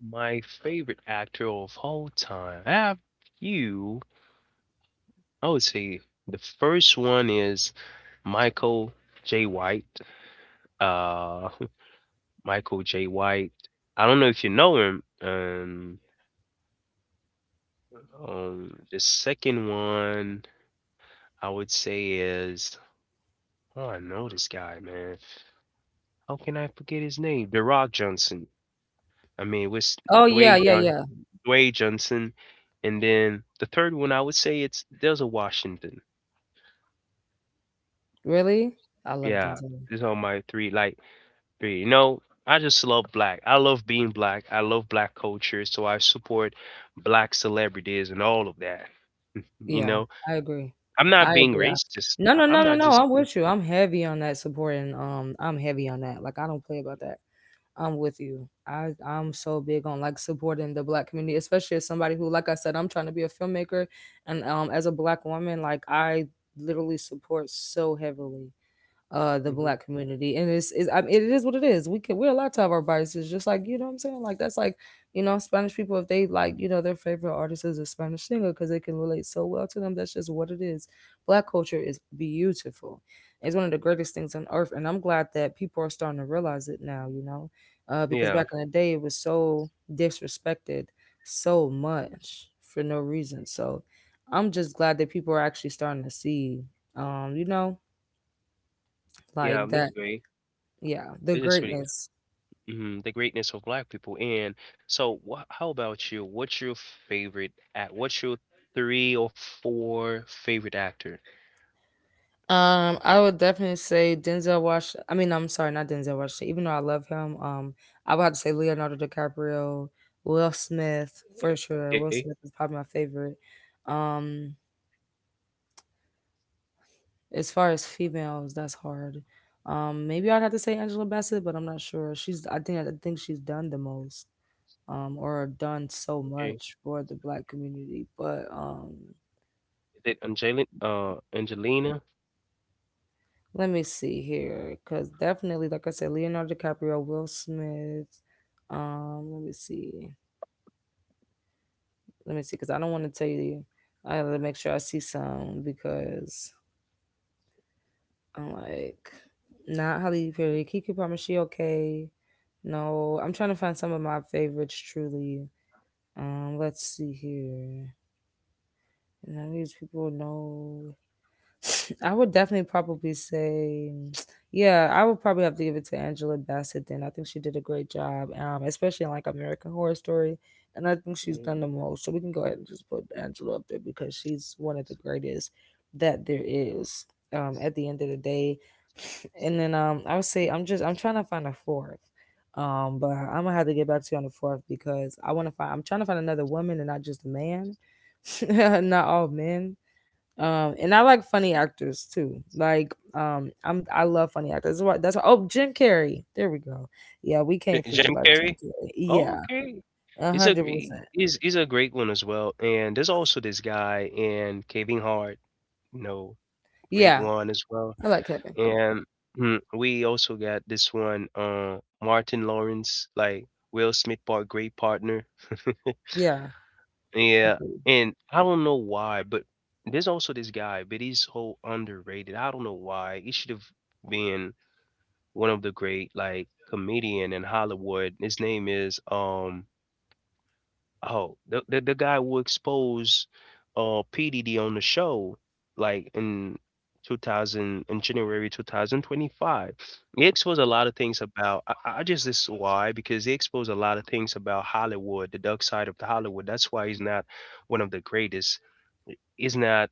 [SPEAKER 2] My favorite actor of all time. I have few. I would say the first one is Michael J. White. Uh, Michael J. White. I don't know if you know him. Um, um, the second one I would say is, oh, I know this guy, man. How can I forget his name? The Rock Johnson. I mean, with
[SPEAKER 1] Oh yeah,
[SPEAKER 2] Dwayne
[SPEAKER 1] yeah,
[SPEAKER 2] John,
[SPEAKER 1] yeah.
[SPEAKER 2] Dwayne Johnson, and then the third one I would say it's Denzel Washington.
[SPEAKER 1] Really? I love
[SPEAKER 2] Yeah,
[SPEAKER 1] Denzel.
[SPEAKER 2] these are my three, like three. You know, I just love black. I love being black. I love black culture, so I support black celebrities and all of that. You
[SPEAKER 1] Yeah,
[SPEAKER 2] know,
[SPEAKER 1] I agree.
[SPEAKER 2] I'm not
[SPEAKER 1] I
[SPEAKER 2] being
[SPEAKER 1] agree. I-
[SPEAKER 2] racist.
[SPEAKER 1] No,
[SPEAKER 2] I
[SPEAKER 1] no,
[SPEAKER 2] I'm
[SPEAKER 1] no, no,
[SPEAKER 2] not
[SPEAKER 1] no.
[SPEAKER 2] just
[SPEAKER 1] I'm
[SPEAKER 2] being
[SPEAKER 1] with you. I'm heavy on that supporting. Um, I'm heavy on that. Like I don't play about that. I'm with you. I I'm so big on like supporting the black community, especially as somebody who, like I said, I'm trying to be a filmmaker, and um, as a black woman, like I literally support so heavily. Uh the
[SPEAKER 2] mhm.
[SPEAKER 1] black community, and it's, it's I mean, it is what it is. We can we're allowed to have our biases, just like you know what I'm saying. Like that's like you know, Spanish people, if they like, you know, their favorite artist is a Spanish singer because they can relate so well to them. That's just what it is. Black culture is beautiful. It's one of the greatest things on earth, and I'm glad that people are starting to realize it now, you know uh, because
[SPEAKER 2] Yeah,
[SPEAKER 1] back in the day it was so disrespected so much for no reason. So I'm just glad that people are actually starting to see, um you know
[SPEAKER 2] yeah,
[SPEAKER 1] like
[SPEAKER 2] it's
[SPEAKER 1] that,
[SPEAKER 2] great.
[SPEAKER 1] yeah, the
[SPEAKER 2] It's just really
[SPEAKER 1] greatness.
[SPEAKER 2] mhm, the greatness of black people. And so, wha how about you? What's your favorite act? What's your three or four favorite actor?
[SPEAKER 1] Um, I would definitely say Denzel Washington. I mean, I'm sorry, not Denzel Washington. Even though I love him, um, I would have to say Leonardo DiCaprio, Will Smith for
[SPEAKER 2] Okay,
[SPEAKER 1] sure. Will Smith is probably my favorite. Um, as far as females, that's hard. Um, maybe I'd have to say Angela Bassett, but I'm not sure. She's I think I think she's done the most, um, or done
[SPEAKER 2] okay.
[SPEAKER 1] so much for the black community. But um,
[SPEAKER 2] Is it Angelina? Uh, Angelina?
[SPEAKER 1] Let me see here, because definitely, like I said, Leonardo DiCaprio, Will Smith. Um, let me see. Let me see, because I don't want to tell you. I gotta make sure I see some because I'm like, not Holly Perry. Kiki Palmer, she okay? No, I'm trying to find some of my favorites. Truly, um, let's see here. None of these people know. I would definitely probably say, yeah, I would probably have to give it to Angela Bassett. Then I think she did a great job, um, especially in like American Horror Story, and I think she's done the most. So we can go ahead and just put Angela up there because she's one of the greatest that there is. Um, at the end of the day, and then um, I would say I'm just I'm trying to find a fourth. Um, but I'm gonna have to get back to you on the fourth because I want to find I'm trying to find another woman and not just a man, not all men. Um, and I like funny actors too. Like, um, I'm I love funny actors. That's why. That's why. Oh, Jim Carrey. There we go. Yeah, we
[SPEAKER 2] J-
[SPEAKER 1] can't forget
[SPEAKER 2] Jim
[SPEAKER 1] about Jim
[SPEAKER 2] Carrey?
[SPEAKER 1] Carrey.
[SPEAKER 2] Oh,
[SPEAKER 1] Yeah,
[SPEAKER 2] okay.
[SPEAKER 1] a
[SPEAKER 2] He's a
[SPEAKER 1] hundred
[SPEAKER 2] gre-
[SPEAKER 1] percent.
[SPEAKER 2] he's he's a great one as well. And there's also this guy in Kevin Hart. You know, great
[SPEAKER 1] Yeah,
[SPEAKER 2] one as well.
[SPEAKER 1] I like Kevin.
[SPEAKER 2] And mm, we also got this one, uh, Martin Lawrence, like Will Smith part, great partner.
[SPEAKER 1] Yeah,
[SPEAKER 2] Yeah,
[SPEAKER 1] agreed.
[SPEAKER 2] and I don't know why, but there's also this guy, but he's so underrated. I don't know why. He should have been one of the great like comedian in Hollywood. His name is um oh, the the, the guy who exposed uh P D D on the show, like in two thousand in January twenty twenty-five. He exposed a lot of things about. I, I just, this is why, because he exposed a lot of things about Hollywood, the dark side of the Hollywood. That's why he's not one of the greatest. He's not.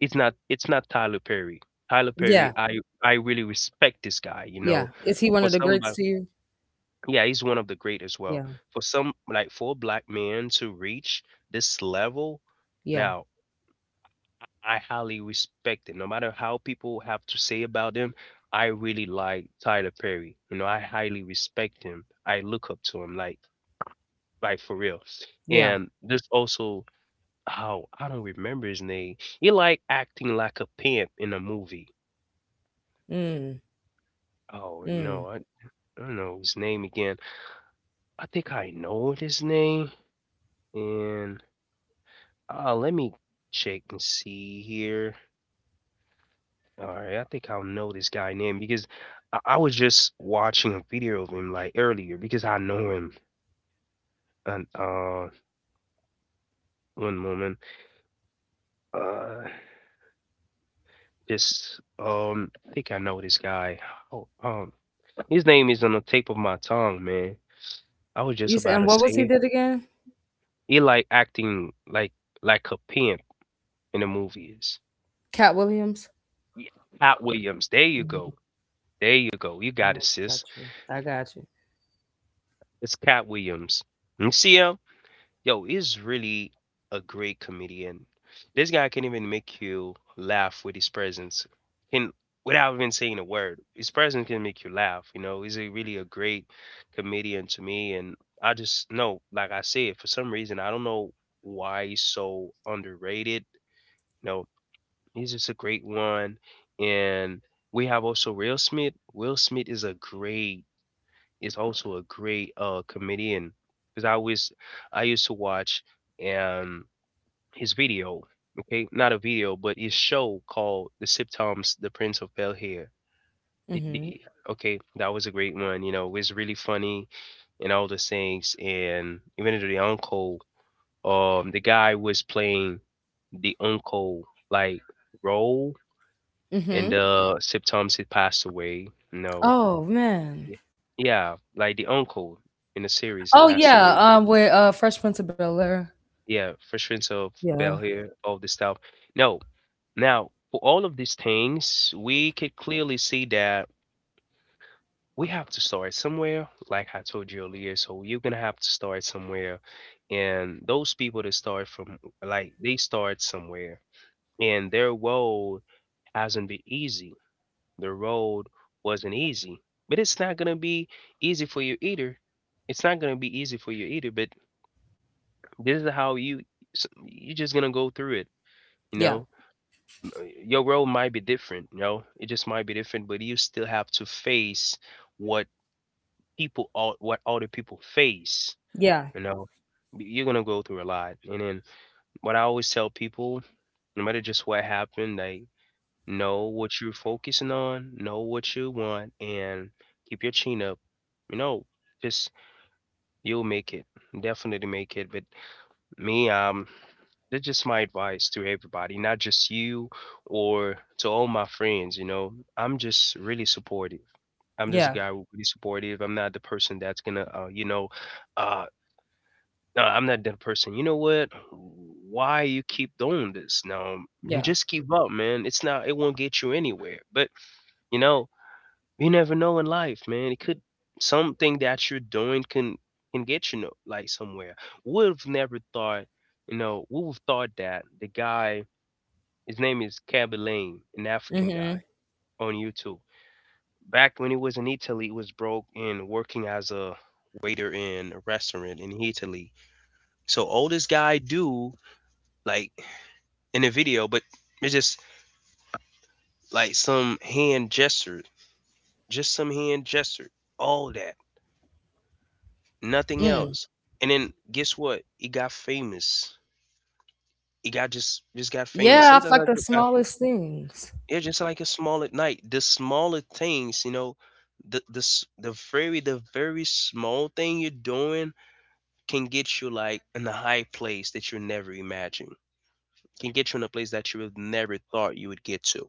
[SPEAKER 2] It's not. It's not Tyler Perry. Tyler Perry.
[SPEAKER 1] Yeah,
[SPEAKER 2] I I really respect this guy. You
[SPEAKER 1] yeah.
[SPEAKER 2] know,
[SPEAKER 1] Is he one
[SPEAKER 2] for
[SPEAKER 1] of the greats
[SPEAKER 2] somebody.
[SPEAKER 1] to you?
[SPEAKER 2] Yeah, he's one of the great as
[SPEAKER 1] Yeah,
[SPEAKER 2] well. For some, like for a black man to reach this level,
[SPEAKER 1] yeah,
[SPEAKER 2] now I highly respect it. No matter how people have to say about them, I really like Tyler Perry. You know, I highly respect him. I look up to him, like, like for real.
[SPEAKER 1] yeah.
[SPEAKER 2] And there's also, oh, I don't remember his name. He like acting like a pimp in a movie.
[SPEAKER 1] Mm,
[SPEAKER 2] Oh no,
[SPEAKER 1] mm.
[SPEAKER 2] I, I don't know his name again. I think I know his name. And Uh, let me check and see here. All right, I think I'll know this guy name because I, I was just watching a video of him like earlier because I know him. And uh, one moment, uh, this um, I think I know this guy. Oh, um, his name is on the tip of my tongue, man. I was just
[SPEAKER 1] You said,
[SPEAKER 2] about
[SPEAKER 1] and
[SPEAKER 2] to
[SPEAKER 1] what
[SPEAKER 2] say
[SPEAKER 1] was he
[SPEAKER 2] it.
[SPEAKER 1] did again?
[SPEAKER 2] He like acting like like a pimp in the movies.
[SPEAKER 1] Cat Williams.
[SPEAKER 2] Yeah, Cat Williams. There you
[SPEAKER 1] Mm-hmm.
[SPEAKER 2] go. There you go. You got it,
[SPEAKER 1] Yep, got
[SPEAKER 2] sis.
[SPEAKER 1] you. I got you.
[SPEAKER 2] It's Cat Williams. You see him? Yo, is really a great comedian. This guy can even make you laugh with his presence, can without even saying a word. His presence can make you laugh. You know, he's a really a great comedian to me, and I just know, like I said, for some reason, I don't know why he's so underrated. You know, he's just a great one, and we have also Will Smith. Will Smith is a great, is also a great uh comedian because I always I used to watch um his video, okay, not a video, but his show called The Sitcoms The Prince of Bel Air. It-
[SPEAKER 1] Mm-hmm.
[SPEAKER 2] it- Okay, that was a great one. You know, it was really funny and all the things. And even to the uncle, um, the guy was playing the uncle like role,
[SPEAKER 1] Mm-hmm.
[SPEAKER 2] and uh, Sip Thomas had passed away. No,
[SPEAKER 1] Oh man.
[SPEAKER 2] yeah, yeah, like the uncle in the series, he
[SPEAKER 1] Oh
[SPEAKER 2] passed
[SPEAKER 1] yeah.
[SPEAKER 2] away.
[SPEAKER 1] Um, with uh, Fresh Prince of Bel Air.
[SPEAKER 2] Yeah, frustrations of
[SPEAKER 1] Yeah.
[SPEAKER 2] Bell here, all this stuff. No, now for all of these things, we could clearly see that we have to start somewhere, like I told you earlier. So you're gonna have to start somewhere, and those people that start from, like they start somewhere, and their road hasn't been easy. The road wasn't easy, but it's not gonna be easy for you either. It's not gonna be easy for you either. But this is how you s- you're just gonna go through it. You
[SPEAKER 1] Yeah.
[SPEAKER 2] know, uh, your role might be different, you know, it just might be different, but you still have to face what, people all what other people face,
[SPEAKER 1] Yeah.
[SPEAKER 2] you know. Y- You're gonna go through a lot. And then what I always tell people, no matter just what happened, like know what you're focusing on, know what you want, and keep your chin up. You know, just you'll make it. Definitely make it. But me, um that's just my advice to everybody, not just you or to all my friends. You know, I'm just really supportive. I'm just a
[SPEAKER 1] Yeah.
[SPEAKER 2] guy who's really supportive. I'm not the person that's gonna, uh, you know, uh, no, I'm not that person. You know what? Why you keep doing this? No, you
[SPEAKER 1] Yeah.
[SPEAKER 2] just give up, man. It's not. It won't get you anywhere. But you know, you never know in life, man. It could something that you're doing can can get you no, like somewhere. Would have never thought you know, we would have thought that the guy his name is Kaby, an African
[SPEAKER 1] Mhm.
[SPEAKER 2] guy on YouTube. Back when he was in Italy, he was broke and working as a waiter in a restaurant in Italy. So all this guy do, like, in the video, but it's just like some hand gesture, just some hand gesture, all that, nothing
[SPEAKER 1] Mm.
[SPEAKER 2] else. And then guess what? He got famous. He got just just got famous.
[SPEAKER 1] Yeah, I
[SPEAKER 2] Sometimes
[SPEAKER 1] like the
[SPEAKER 2] I,
[SPEAKER 1] smallest things.
[SPEAKER 2] yeah, just like a small at night. The smaller things, you know, the the s- the very the very small thing you're doing can get you like in a high place that you never imagined. Can get you in a place that you would never thought you would get to.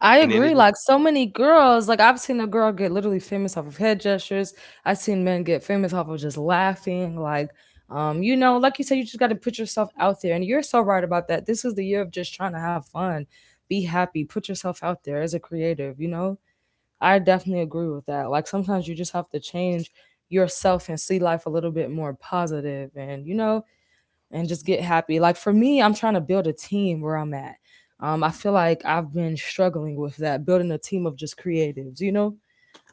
[SPEAKER 1] I
[SPEAKER 2] And then it
[SPEAKER 1] agree.
[SPEAKER 2] just
[SPEAKER 1] Like so many girls, like I've seen a girl get literally famous off of head gestures. I've seen men get famous off of just laughing. Like, um, you know, like you said, you just got to put yourself out there, and you're so right about that. This is the year of just trying to have fun, be happy, put yourself out there as a creative. You know, I definitely agree with that. Like sometimes you just have to change yourself and see life a little bit more positive, and you know, and just get happy. Like for me, I'm trying to build a team where I'm at. Um, I feel like I've been struggling with that, building a team of just creatives, you know?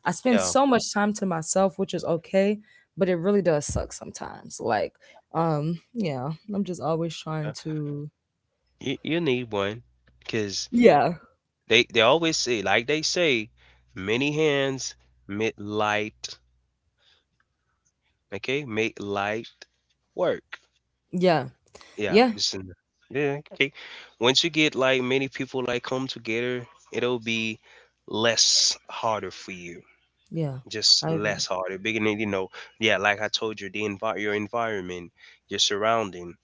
[SPEAKER 1] I spend
[SPEAKER 2] yeah,
[SPEAKER 1] so much time to myself, which is okay, but it really does suck sometimes. Like, um, yeah, I'm just always trying
[SPEAKER 2] yeah.
[SPEAKER 1] to
[SPEAKER 2] You, you need one because
[SPEAKER 1] Yeah.
[SPEAKER 2] they they always say, like, they say many hands make light. Okay, make light work.
[SPEAKER 1] Yeah.
[SPEAKER 2] Yeah,
[SPEAKER 1] Yeah.
[SPEAKER 2] just in the- yeah, okay. Once you get like many people like come together, it'll be less harder for you.
[SPEAKER 1] Yeah.
[SPEAKER 2] Just
[SPEAKER 1] I agree.
[SPEAKER 2] less harder. Beginning, you know, yeah, like I told you, the envi- your environment, your surrounding,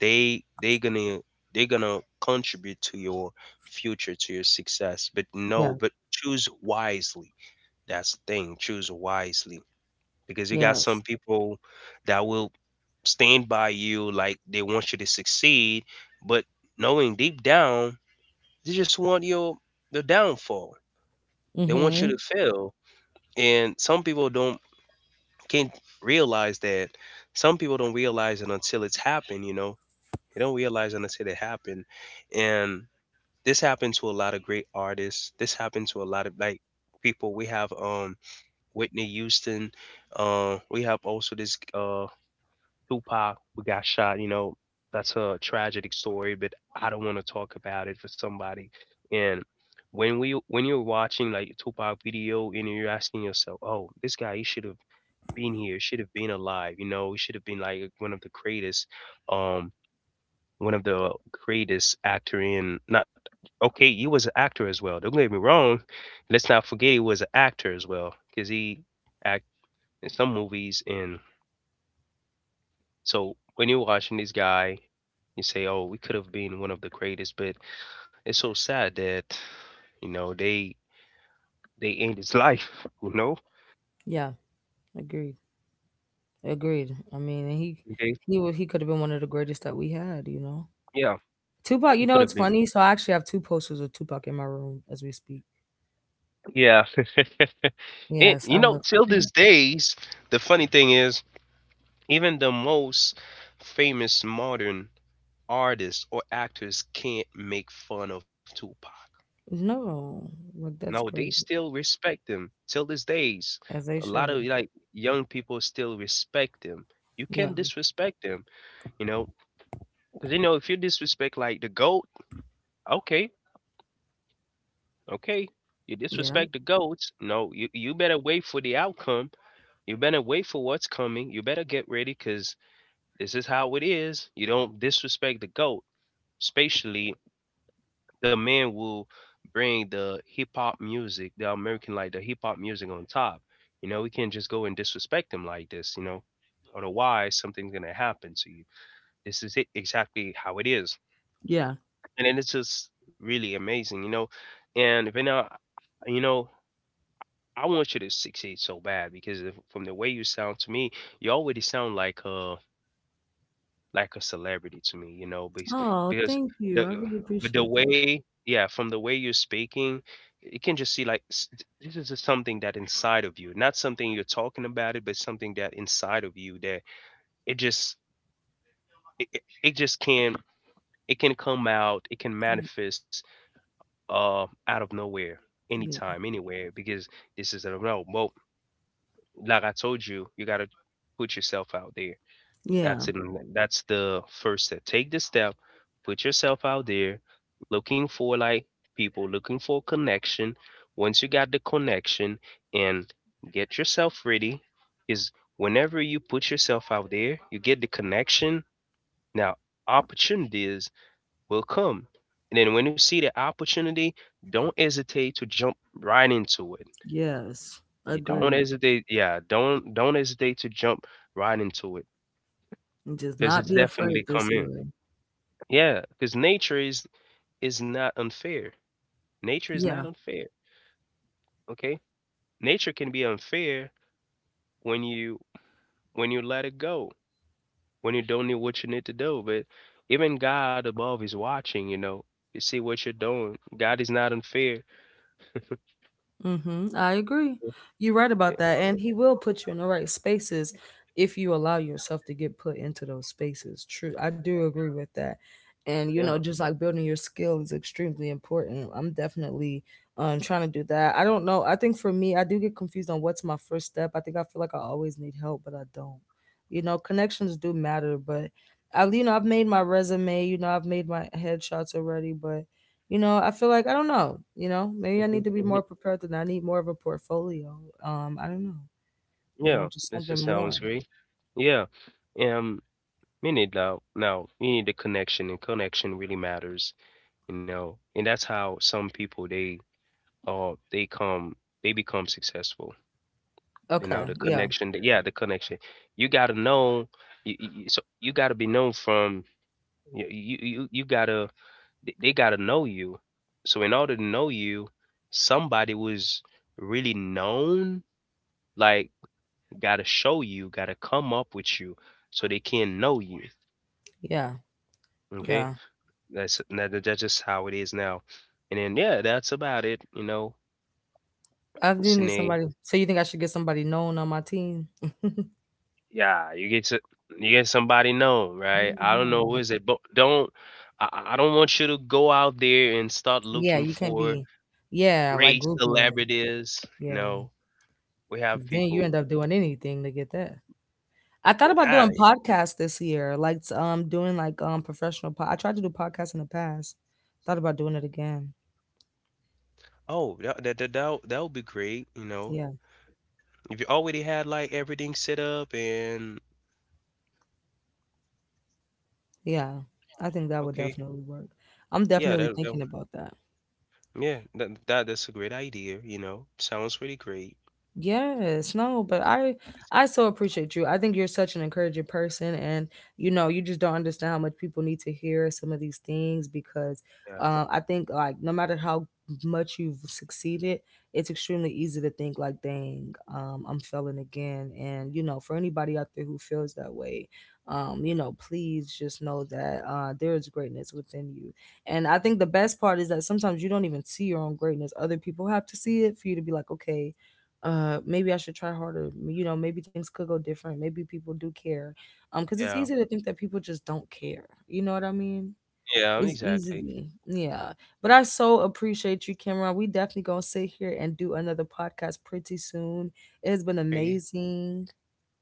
[SPEAKER 2] they they gonna they're gonna contribute to your future, to your success. But
[SPEAKER 1] Yeah.
[SPEAKER 2] no, but choose wisely. That's the thing. Choose wisely because you got some
[SPEAKER 1] Yes.
[SPEAKER 2] people that will stand by you like they want you to succeed, but knowing deep down they just want your the downfall. They want you
[SPEAKER 1] Mm-hmm.
[SPEAKER 2] to fail, and some people don't can't realize that. Some people don't realize it until it's happened. You know, they don't realize it until it happened, and this happened to a lot of great artists. This happened to a lot of like people. We have um Whitney Houston. Uh, we have also this uh Tupac, we got shot, you know, that's a tragic story, but I don't wanna talk about it for somebody. And when we when you're watching like Tupac video and you're asking yourself, "Oh, this guy, he should have been here, should have been alive, you know, he should have been like one of the greatest, um, one of the greatest actor in not okay, he was an actor as well. Don't get me wrong. Let's not forget he was an actor as well because he act in some movies and so when you're watching this guy, you say, "Oh, we could have been one of the greatest," but it's so sad that you know they they end his life. You know,
[SPEAKER 1] Yeah. Agreed. Agreed. I mean, and he
[SPEAKER 2] they
[SPEAKER 1] he wa- he could have been one of the greatest that we had, you know.
[SPEAKER 2] yeah,
[SPEAKER 1] Tupac, you
[SPEAKER 2] he
[SPEAKER 1] know
[SPEAKER 2] could
[SPEAKER 1] it's
[SPEAKER 2] have been.
[SPEAKER 1] funny. So I actually have two posters of Tupac in my room as we speak.
[SPEAKER 2] Yeah, and
[SPEAKER 1] Yes,
[SPEAKER 2] you
[SPEAKER 1] I
[SPEAKER 2] know,
[SPEAKER 1] love.
[SPEAKER 2] till these days, the funny thing is, even the most famous modern artists or actors can't make fun of Tupac.
[SPEAKER 1] No, like
[SPEAKER 2] No,
[SPEAKER 1] that's
[SPEAKER 2] they
[SPEAKER 1] crazy.
[SPEAKER 2] still respect them till these days.
[SPEAKER 1] As they
[SPEAKER 2] A lot
[SPEAKER 1] should.
[SPEAKER 2] of like young people still respect them. You
[SPEAKER 1] Yeah,
[SPEAKER 2] can't disrespect them, you know, because you know if you disrespect like the goat, okay, okay, you
[SPEAKER 1] yeah,
[SPEAKER 2] disrespect the goats. No, you you better wait for the outcome. You better wait for what's coming. You better get ready because this is how it is. You don't disrespect the goat, especially the man will bring the hip hop music, the American like the hip hop music on top. You know, we can't just go and disrespect them like this, you know. Otherwise something's gonna happen to you. This is it exactly how it is.
[SPEAKER 1] yeah.
[SPEAKER 2] And then it's just really amazing, you know. And right now, you know, I want you to succeed so bad because if, from the way you sound to me, you already sound like uh like a celebrity to me, you know, because
[SPEAKER 1] Oh,
[SPEAKER 2] because
[SPEAKER 1] thank you.
[SPEAKER 2] the
[SPEAKER 1] I really
[SPEAKER 2] but the
[SPEAKER 1] appreciate that.
[SPEAKER 2] way yeah, from the way you're speaking, you can just see like s- this is just something that inside of you, not something you're talking about it, but something that inside of you that it just it, it it just can it can come out, it can
[SPEAKER 1] Mm,
[SPEAKER 2] manifest uh out of nowhere,
[SPEAKER 1] yeah,
[SPEAKER 2] anytime, anywhere, because this is I don't know. Well, like I told you, you gotta put yourself out there.
[SPEAKER 1] yeah,
[SPEAKER 2] That's in that's the first step. Take the step, put yourself out there, looking for like people, looking for connection. Once you got the connection and get yourself ready, is whenever you put yourself out there, you get the connection. Now opportunities will come. And then when you see the opportunity, don't hesitate to jump right into it.
[SPEAKER 1] yes,
[SPEAKER 2] You don't
[SPEAKER 1] agreed.
[SPEAKER 2] hesitate, yeah, don't don't hesitate to jump right into it
[SPEAKER 1] And just
[SPEAKER 2] because
[SPEAKER 1] not
[SPEAKER 2] it's
[SPEAKER 1] be
[SPEAKER 2] definitely
[SPEAKER 1] afraid this
[SPEAKER 2] coming.
[SPEAKER 1] year.
[SPEAKER 2] Yeah, because nature is is not unfair. Nature is not
[SPEAKER 1] Yeah.
[SPEAKER 2] unfair. Okay, nature can be unfair when you when you let it go, when you don't know what you need to do. But even God above is watching. You know, you see what you're doing. God is not unfair.
[SPEAKER 1] Hmm, I agree. You're right
[SPEAKER 2] Yeah,
[SPEAKER 1] about that. And he will put you in the right spaces if you allow yourself to get put into those spaces. True. I do agree with that. And, you know,
[SPEAKER 2] yeah,
[SPEAKER 1] just like building your skill is extremely important. I'm definitely um, trying to do that. I don't know. I think for me, I do get confused on what's my first step. I think I feel like I always need help, but I don't. You know, connections do matter, but I, you know, I've made my resume, you know, I've made my headshots already, but you know, I feel like I don't know. You know, maybe I
[SPEAKER 2] mhm,
[SPEAKER 1] need to be
[SPEAKER 2] mhm,
[SPEAKER 1] more prepared than that. I need more of a portfolio, um I don't know, you know,
[SPEAKER 2] yeah.
[SPEAKER 1] just
[SPEAKER 2] This
[SPEAKER 1] something
[SPEAKER 2] just
[SPEAKER 1] more.
[SPEAKER 2] sounds great. Yeah, um, we need now. Now we need the connection, and connection really matters. You know, and that's how some people they Oh, they come they become successful. You
[SPEAKER 1] Okay.
[SPEAKER 2] know, the
[SPEAKER 1] Yeah.
[SPEAKER 2] connection that yeah, the connection. You gotta know you, you, so you gotta be known from you you you you gotta they they gotta know you. So in order to know you, somebody was really known, like gotta show you, gotta come up with you so they can know you.
[SPEAKER 1] Yeah.
[SPEAKER 2] Okay?
[SPEAKER 1] Yeah.
[SPEAKER 2] That's that, that's just how it is now. And then yeah, that's about it, you know.
[SPEAKER 1] I do
[SPEAKER 2] It's
[SPEAKER 1] need
[SPEAKER 2] in
[SPEAKER 1] somebody. So you think I should get somebody known on my team?
[SPEAKER 2] yeah, you get to you get somebody known, right? I don't know
[SPEAKER 1] No.
[SPEAKER 2] who is it, but don't I, I I don't want you to go out there and start
[SPEAKER 1] Yeah,
[SPEAKER 2] looking
[SPEAKER 1] you can't
[SPEAKER 2] for
[SPEAKER 1] be, yeah, like
[SPEAKER 2] great
[SPEAKER 1] grouping,
[SPEAKER 2] celebrities. You
[SPEAKER 1] yeah,
[SPEAKER 2] know, we have
[SPEAKER 1] because then you end
[SPEAKER 2] people.
[SPEAKER 1] up doing anything to get that. I thought about doing
[SPEAKER 2] Yeah,
[SPEAKER 1] podcasts this year, like s- um doing like um professional. Po- I tried to do podcasts in the past. Thought about doing it again.
[SPEAKER 2] oh, that that that that that would be great. You know,
[SPEAKER 1] Yeah.
[SPEAKER 2] if you already had like everything set up and
[SPEAKER 1] Yeah, I think that would
[SPEAKER 2] okay,
[SPEAKER 1] definitely work. I'm
[SPEAKER 2] yeah,
[SPEAKER 1] definitely
[SPEAKER 2] that, that
[SPEAKER 1] thinking about that.
[SPEAKER 2] yeah, that, that that's a great idea. You know, sounds really great.
[SPEAKER 1] Yes, no, but I
[SPEAKER 2] It's-
[SPEAKER 1] I so appreciate you. I think you're such an encouraging person, and you know, you just don't understand how much people need to hear some of these things, because
[SPEAKER 2] yeah,
[SPEAKER 1] uh, I think like no matter how much you've succeeded, it's extremely easy to think like, dang, um, I'm failing again. And you know, for anybody out there who feels that way, um, you know, please just know that uh, there is greatness within you. And I think the best part is that sometimes you don't even see your own greatness. Other people have to see it for you to be like, okay, uh maybe I should try harder. You know, maybe things could go different, maybe people do care, um because it's
[SPEAKER 2] yeah,
[SPEAKER 1] easy to think that people just don't care, you know what I mean?
[SPEAKER 2] yeah,
[SPEAKER 1] It's
[SPEAKER 2] exactly.
[SPEAKER 1] easy, yeah. But I so appreciate you, Cameron. We definitely gonna sit here and do another podcast pretty soon. It has been
[SPEAKER 2] Okay,
[SPEAKER 1] amazing.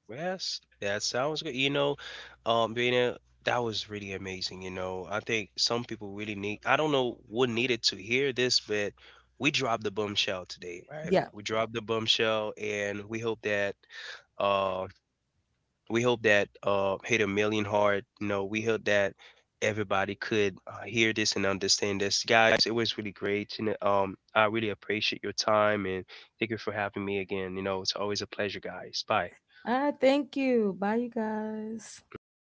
[SPEAKER 2] yes, that sounds good. You know, um, being that was really amazing. You know, I think some people really need, I don't know what needed to hear this, but we dropped the bombshell today, right?
[SPEAKER 1] Yeah.
[SPEAKER 2] We dropped the bombshell and we hope that, uh, we hope that, uh, hit a million hard. You know, we hope that everybody could uh, hear this and understand this. Guys, it was really great. You know, um, I really appreciate your time and thank you for having me again. You know, it's always a pleasure, guys. Bye.
[SPEAKER 1] Ah, thank you. Bye, you guys. See.
[SPEAKER 2] Hmm.